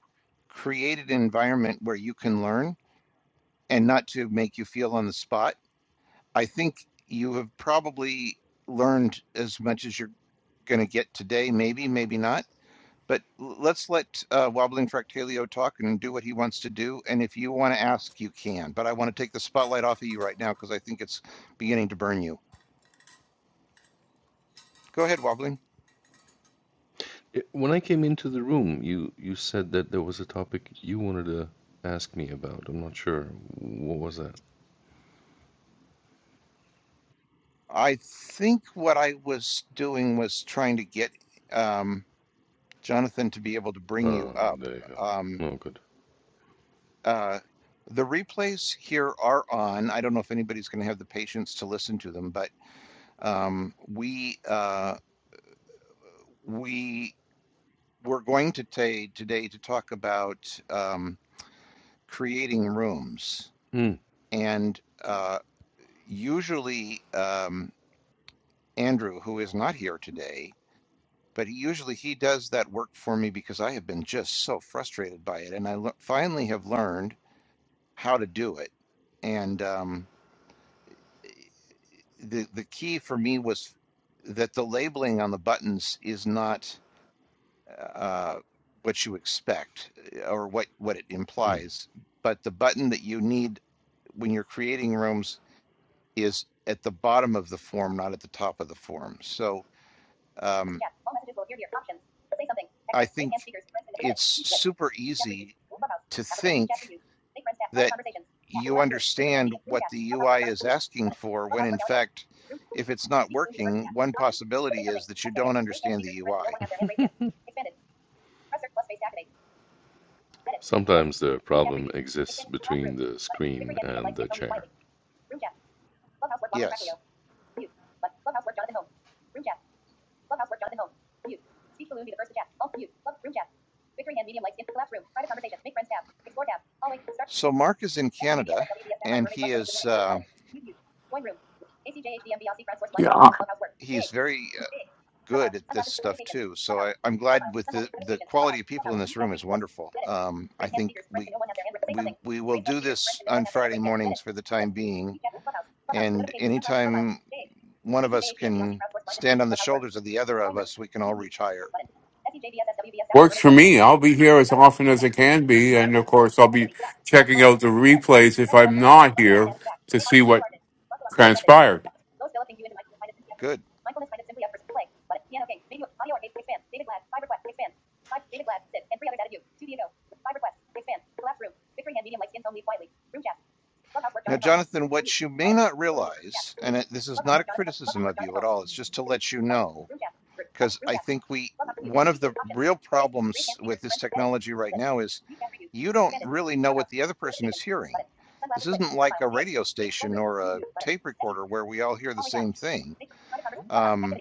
A: create an environment where you can learn and not to make you feel on the spot. I think you have probably learned as much as you're going to get today, maybe, maybe not. But l- let's let uh, Wobbling Fractalio talk and do what he wants to do. And if you want to ask, you can. But I want to take the spotlight off of you right now because I think it's beginning to burn you. Go ahead, Wobbling.
F: It, when I came into the room, you you said that there was a topic you wanted to ask me about. I'm not sure. What was that?
A: I think what I was doing was trying to get. um, Jonathan, to be able to bring you
F: Oh,
A: up.
F: there you go.
A: Um,
F: No good.
A: uh, the replays here are on. I don't know if anybody's going to have the patience to listen to them, but um, we uh, we were going to ta- today to talk about um, creating rooms,
F: Mm,
A: and uh, usually um, Andrew, who is not here today. But he, usually he does that work for me because I have been just so frustrated by it, and I le- finally have learned. how to do it. And um, the the key for me was that the labeling on the buttons is not uh, what you expect uh, or what what it
F: mm.
A: implies, but the button that you need when you're creating rooms is at the bottom of the form, not at the top of the form. So um, I think it's super easy to think. that you understand what the UI is asking for when in fact, if it's not working, one possibility is that you don't understand the UI.
F: Sometimes the problem exists between the screen and the chair.
A: Yes. So Mark is in Canada and he is uh,
D: Yeah,
A: he's very uh, good at this stuff too. So I, I'm glad with the the quality of people in this room is wonderful. Um, I think we we we will do this on Friday mornings for the time being. And anytime one of us can stand on the shoulders of the other of us, we can all reach higher.
D: works for me. I'll be here as often as I can be, and of course, I'll be checking out the replays if I'm not here to see what
A: Good,
D: transpired.
A: good. Now, Jonathan, what you may not realize, and it, this is not a criticism of you at all, it's just to let you know, because I think we, one of the real problems with this technology right now is you don't really know what the other person is hearing. This isn't like a radio station or a tape recorder where we all hear the same thing. Um,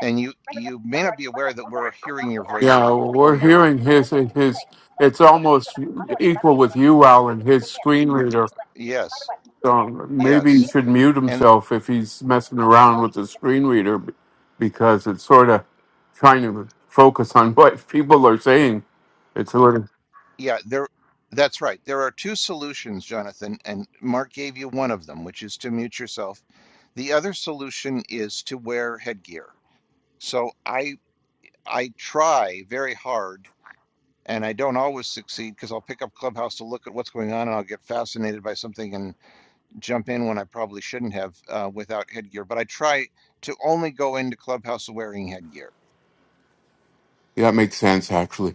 A: and you, you may not be aware that we're hearing your
D: Yeah,
A: voiceover or
D: we're
A: your,
D: hearing his his. It's almost equal with you, Alan. His screen reader.
A: yes,
D: So maybe he
A: yes.
D: should mute
A: and.
D: himself if he's messing around with the screen reader, b- because it's sort of trying to focus on what people are saying. It's a little.
A: Yeah, there that's right. There are two solutions, Jonathan, and Mark gave you one of them, which is to mute yourself. The other solution is to wear headgear. So I I try very hard and I don't always succeed because I'll pick up Clubhouse to look at what's going on and I'll get fascinated by something and jump in when I probably shouldn't have uh, without headgear. But I try to only go into Clubhouse wearing headgear.
D: Yeah, that makes sense actually.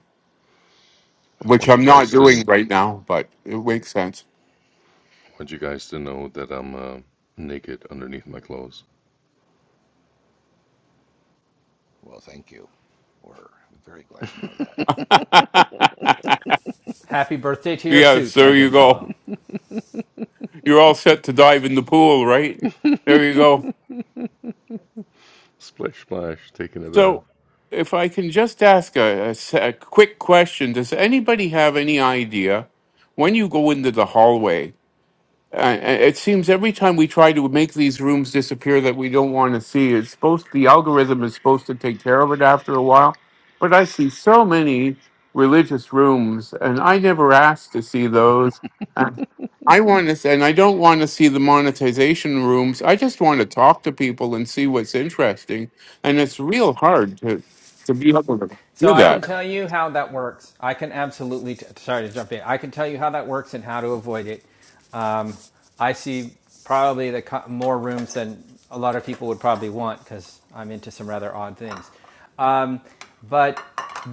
F: I
D: which
F: want you
D: I'm not
F: guys to
D: doing
F: kn-
D: right now, but it makes sense.
F: I want you guys to know that I'm uh, naked underneath my clothes.
A: Well, thank you. We're very glad to know that.
E: Happy birthday to your
D: yeah,
E: suit,
D: so
E: my
D: you
E: good
D: go.
E: fellow.
D: You're all set to dive in the pool, right? There you go.
F: Splash, splash, taking a bath.
D: So, if I can just ask a, a s- a quick question, does anybody have any idea when you go into the hallway? I- I- it seems every time we try to make these rooms disappear that we don't want to see, it's supposed the algorithm is supposed to take care of it after a while. But I see so many religious rooms, and I never asked to see those. And I want to, and I don't want to see the monetization rooms. I just want to talk to people and see what's interesting. And it's real hard to to be able to
E: So
D: do
E: I can
D: that.
E: tell you how that works. I can absolutely, t- sorry to jump in. I can tell you how that works and how to avoid it. I see probably the co- more rooms than a lot of people would probably want because I'm into some rather odd things. Um, but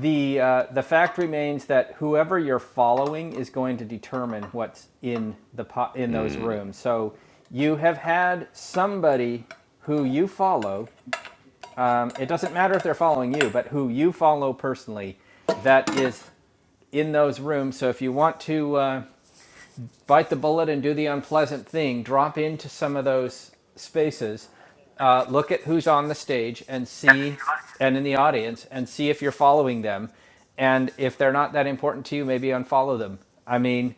E: the uh, the fact remains that whoever you're following is going to determine what's in the po- in those
F: Hmm.
E: rooms. So you have had somebody who you follow. Um, it doesn't matter if they're following you, but who you follow personally that is in those rooms. So if you want to uh, bite the bullet and do the unpleasant thing, drop into some of those spaces, uh, look at who's on the stage and see, and in the audience, and see if you're following them. And if they're not that important to you, maybe unfollow them. I mean,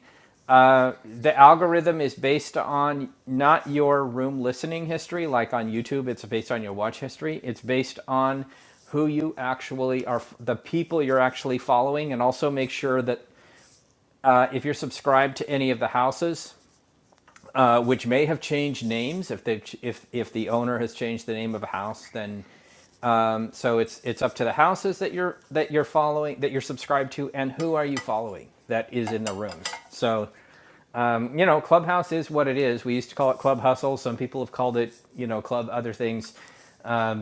E: the algorithm is based on not your room listening history, like on YouTube, it's based on your watch history. It's based on who you actually are, the people you're actually following, and also make sure that uh, if you're subscribed to any of the houses, uh, which may have changed names, if they if if the owner has changed the name of a house, then so it's it's up to the houses that you're that you're following that you're subscribed to, and who are you following that is in the rooms. So you know, Clubhouse is what it is. We used to call it Club Hustle. Some people have called it you know Club other things,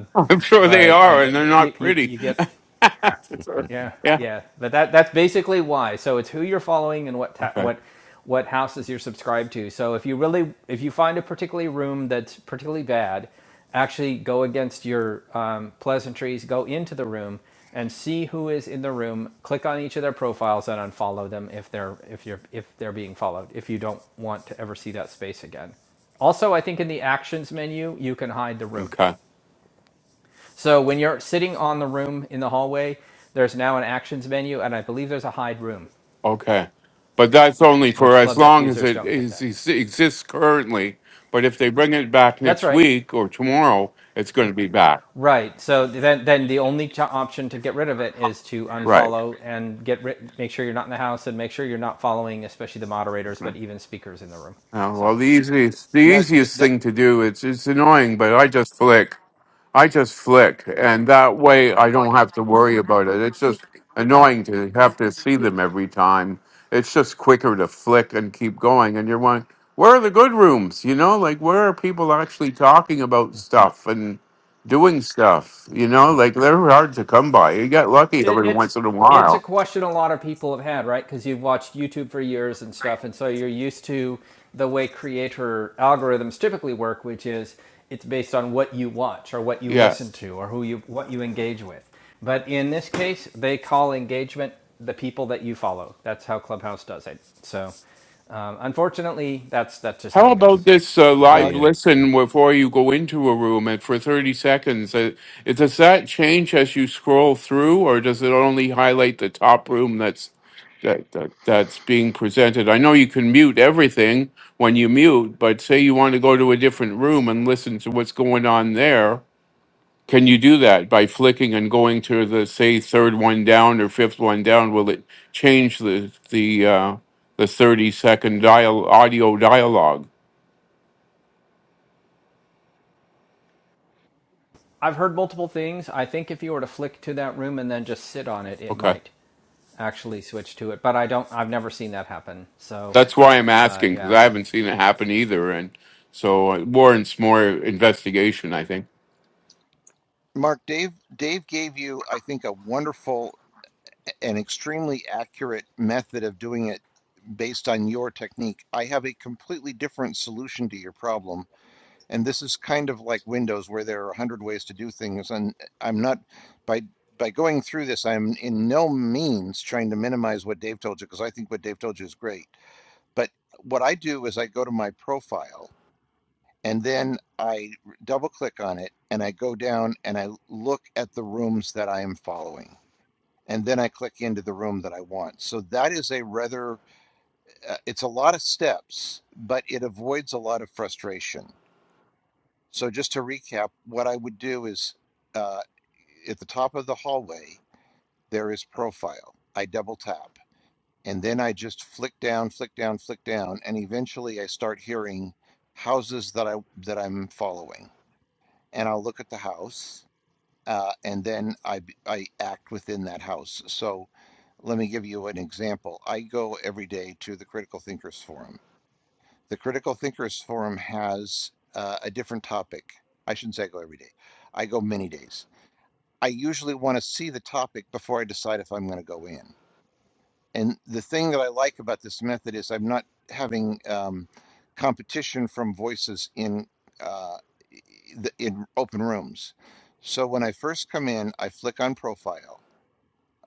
D: I'm sure they
E: but uh,
D: are, and they're
E: you,
D: not
E: you
D: pretty.
E: you get Yeah,
D: yeah.
E: yeah. But that that's basically why. So it's who you're following and what ta-
D: Okay.
E: what what houses you're subscribed to. So if you really if you find a particularly room that's particularly bad, actually go against your um, pleasantries. Go into the room and see who is in the room. Click on each of their profiles and unfollow them if they're if you're if they're being followed. If you don't want to ever see that space again. Also, I think in the actions menu you can hide the room.
D: Okay.
E: So when you're sitting on the room in the hallway, there's now an actions menu, and I believe there's a hide room,
D: Okay. But that's only for
E: which
D: as
E: club deck
D: long as
E: users
D: it
E: don't get
D: is,
E: that.
D: is- exists currently. But if they bring it back
E: That's
D: next
E: right.
D: week or tomorrow, it's going to be back.
E: Right. So then, then the only ch- option to get rid of it is to
D: Right.
E: unfollow and get rid. Make sure you're not in the house, and make sure you're not following, especially the moderators,
D: Okay.
E: but even speakers in the room.
D: Uh, well,
E: So.
D: the easiest, the
A: Now, th
D: easiest
A: that,
D: thing to do, it's, it's annoying, but I just click. I just flick, and that way I don't have to worry about it. It's just annoying to have to see them every time. It's just quicker to flick and keep going, and you're wondering, where are the good rooms? You know, like where are people actually talking about stuff and doing stuff? You know, like they're hard to come by. You get lucky
E: It,
D: every
E: it's
D: once in a
E: it's a
D: while.
E: question a lot of people have had, right? Because you've watched YouTube for years and stuff, and so you're used to the way creator algorithms typically work, which is it's based on what you watch or what you
D: Yeah.
E: listen to or who you what you engage with. But in this case, they call engagement the people that you follow. That's how Clubhouse does it. So, um, unfortunately, that's that's just how
D: How
E: it
D: about
E: goes.
D: this uh,
A: now
D: live
F: Mia,
D: listen before you go into a room and for 30 seconds? Uh, it- does that change as you scroll through, or does it only highlight the top room that's that, that that's being presented? I know you can mute everything when you mute, but say you want to go to a different room and listen to what's going on there. Can you do that by flicking and going to the say third one down or fifth one down? Will it change the the uh, the 30 second dial audio dialogue?
E: I've heard multiple things. I think if you were to flick to that room and then just sit on it, it
D: Okay,
E: might actually switch to it. But I don't. I've never seen that happen. So,
D: that's why I'm
E: uh,
D: asking because
E: yeah.
D: I haven't seen it happen either, and so it warrants more investigation. I think
A: Mark, Dave, Dave gave you, I think, a wonderful and extremely accurate method of doing it based on your technique. I have a completely different solution to your problem, and this is kind of like Windows, where there are a hundred ways to do things, and I'm not by by going through this, I'm in no means trying to minimize what Dave told you because I think what Dave told you is great. But what I do is I go to my profile and then I double click on it and I go down and I look at the rooms that I am following. And then I click into the room that I want. So that is a rather, uh, it's a lot of steps, but it avoids a lot of frustration. So just to recap, what I would do is uh, at the top of the hallway, there is profile. I double tap and then I just flick down, flick down, flick down. And eventually I start hearing houses that I, that I'm following and I'll look at the house, uh, and then I I act within that house. So let me give you an example. I go every day to the Critical Thinkers Forum. The Critical Thinkers Forum has uh, a different topic. I shouldn't say I go every day. I go many days. I usually want to see the topic before I decide if I'm going to go in. And the thing that I like about this method is I'm not having um, competition from voices in uh, the, in open rooms. So when I first come in, I flick on profile.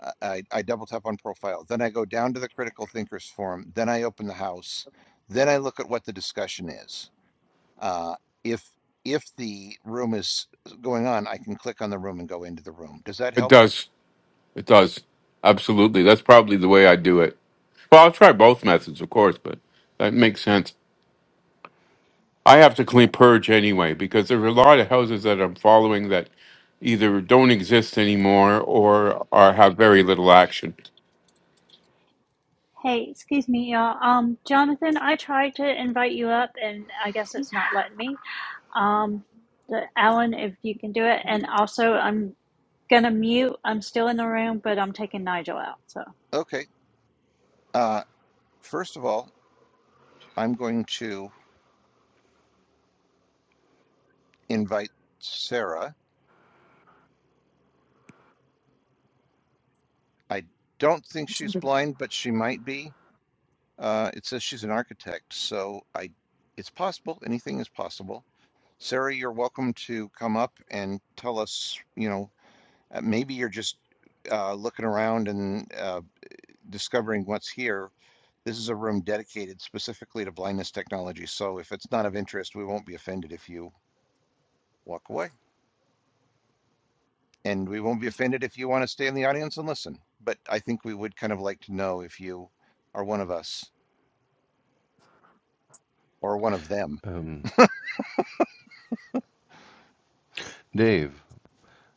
A: I, I I double tap on profile. Then I go down to the critical thinkers forum. Then I open the house. Then I look at what the discussion is. Uh, if if the room is going on, I can click on the room and go into the room. Does that
D: it
A: help?
D: does. It does absolutely. That's probably the way I do it. Well, I'll try both methods, of course, but that makes sense. I have to
A: Yeah.
D: clean purge anyway because there are a lot of houses that I'm following that either don't exist anymore or are have very little action.
C: Hey, excuse me, y'all. Um, Jonathan, I tried to invite you up, and I guess it's not letting me. Um, the, Alan, if you can do it, and also I'm gonna mute. I'm still in the room, but I'm taking Nigel out. So.
A: Okay. Uh, first of all, I'm going to invite Sarah. I don't think she's blind, but she might be. Uh, it says she's an architect, so I, it's possible. Anything is possible. Sarah, you're welcome to come up and tell us, you know, uh, maybe you're just uh, looking around and uh, discovering what's here. This is a room dedicated specifically to blindness technology. So if it's not of interest, we won't be offended if you walk away. And we won't be offended if you want to stay in the audience and listen. But I think we would kind of like to know if you are one of us or one of them.
F: um, Dave,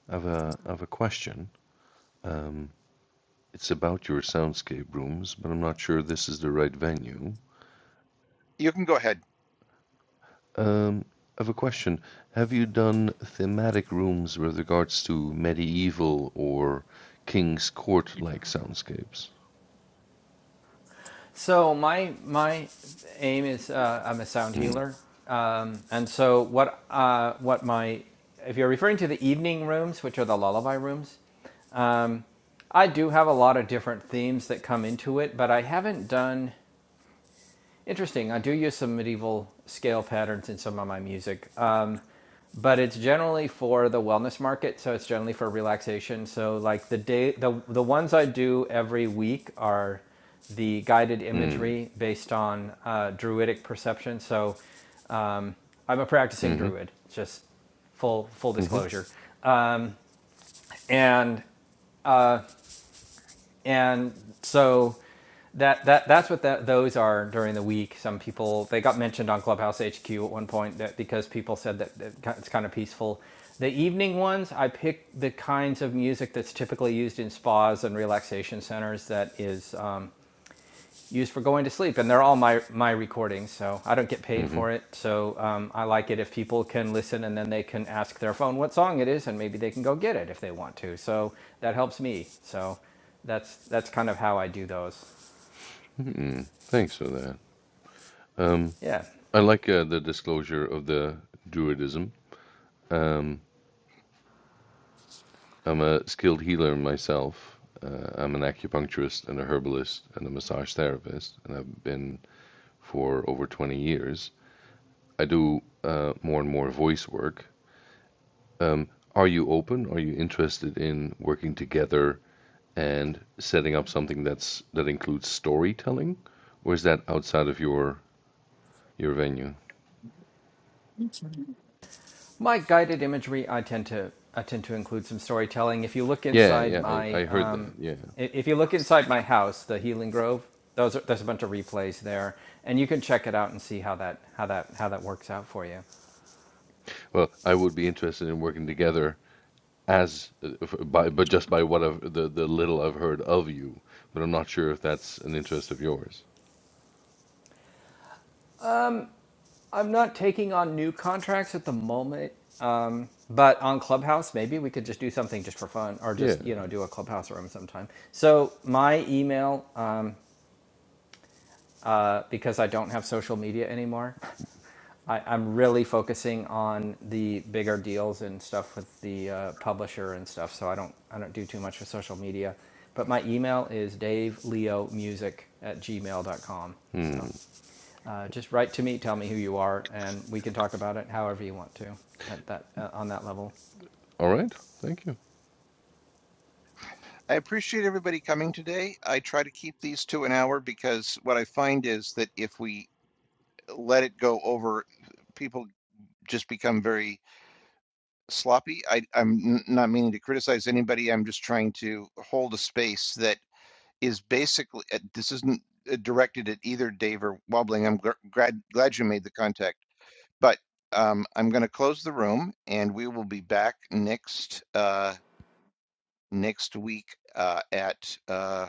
F: I have a I have a question. It's about your soundscape rooms, but I'm not sure this is the right venue.
A: You can go ahead.
F: Um, I have a question. Have you done thematic rooms with regards to medieval or king's court like soundscapes?
E: So my my aim is uh, I'm a sound
F: Hmm.
E: healer, um, and so what uh, what my if you're referring to the evening rooms, which are the lullaby rooms, I do have a lot of different themes that come into it, but I haven't done. Interesting. I do use some medieval scale patterns in some of my music. Um, but it's generally for the wellness market so it's generally for relaxation so like the day the, the ones i do every week are the guided
F: Hmm.
E: imagery based on uh, druidic perception so um, i'm a practicing
F: Hmm.
E: druid just full full
F: Hmm.
E: disclosure and and so that that that's what that, those are during the week. Some people they got mentioned on Clubhouse HQ at one point that because people said that, it's kind of peaceful. The evening ones, I pick the kinds of music that's typically used in spas and relaxation centers that is um, used for going to sleep, and they're all my my recordings. So I don't get paid
F: Hmm.
E: for it. So um, I like it if people can listen and then they can ask their phone what song it is, and maybe they can go get it if they want to. So that helps me. So that's that's kind of how I do those.
F: Hmm. hmm. Thanks for that. Um,
E: Yeah.
F: I like uh, the disclosure of the druidism. Um, I'm a skilled healer myself. Uh, I'm an acupuncturist and a herbalist and a massage therapist, and I've been for over 20 years. I do uh, more and more voice work. Um, are you open? Are you interested in working together and setting up something that's that includes storytelling, or is that outside of your your venue?
E: my guided imagery i tend to i tend to include some storytelling if you look
F: Yeah,
E: inside
F: yeah, I,
E: my
F: I heard that.
E: um,
F: Yeah.
E: if you look inside my house the healing grove those are, there's a bunch of replays there and you can check it out and see how that how that how that works out for you
F: Well, I would be interested in working together as uh, f- by but just by what I've the the little I've heard of you, but I'm not sure if that's an interest of yours.
E: i'm not taking on new contracts at the moment um, but on clubhouse maybe we could just do something just for fun or
F: Yeah.
E: just you know do a clubhouse room sometime so my email uh, because i don't have social media anymore I, I'm really focusing on the bigger deals and stuff with the uh, publisher and stuff. So I don't I don't do too much with social media. But my email is daveleomusic at gmail dot com. So
F: Hmm.
E: uh, just write to me, tell me who you are, and we can talk about it however you want to at that uh, on that level.
F: All right. Thank you.
A: I appreciate everybody coming today. I try to keep these to an hour because what I find is that if we let it go over people just become very sloppy. I, I'm not meaning to criticize anybody. I'm just trying to hold a space that is basically uh, this isn't uh, directed at either Dave or Wobbling. I'm gr- glad glad you made the contact, but um, I'm going to close the room and we will be back next uh, next week uh, at uh,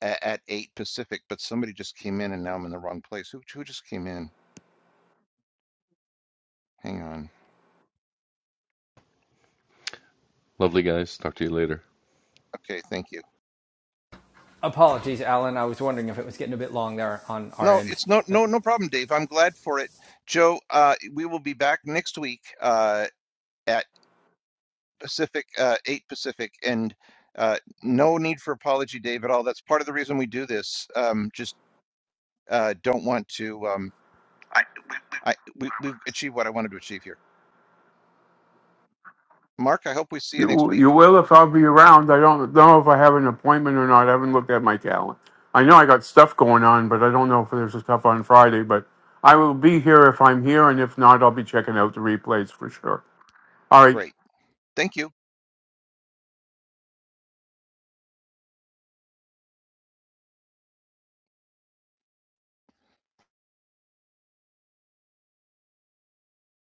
A: a- at eight Pacific. But somebody just came in and now I'm in the wrong place. Who who just came in? Hang on.
F: Lovely guys. Talk to you later.
A: Okay, thank you.
E: Apologies, Alan. I was wondering if it was getting a bit long there on our
A: No,
E: end.
A: it's no no
E: But
A: no problem, Dave. I'm glad for it. Joe, uh, we will be back next week uh, at Pacific uh, 8 Pacific and uh, no need for apology, Dave, at all. That's part of the reason we do this. Um, just uh, don't want to um, I we, we've achieved what I wanted to achieve here. Mark, I hope we see you next
D: You
A: week.
D: you will if I'll be around. I don't know if I have an appointment or not. I haven't looked at my calendar. I know I got stuff going on, but I don't know if there's stuff on Friday. But I will be here if I'm here, and if not, I'll be checking out the replays for sure. All right.
A: Great. Thank you.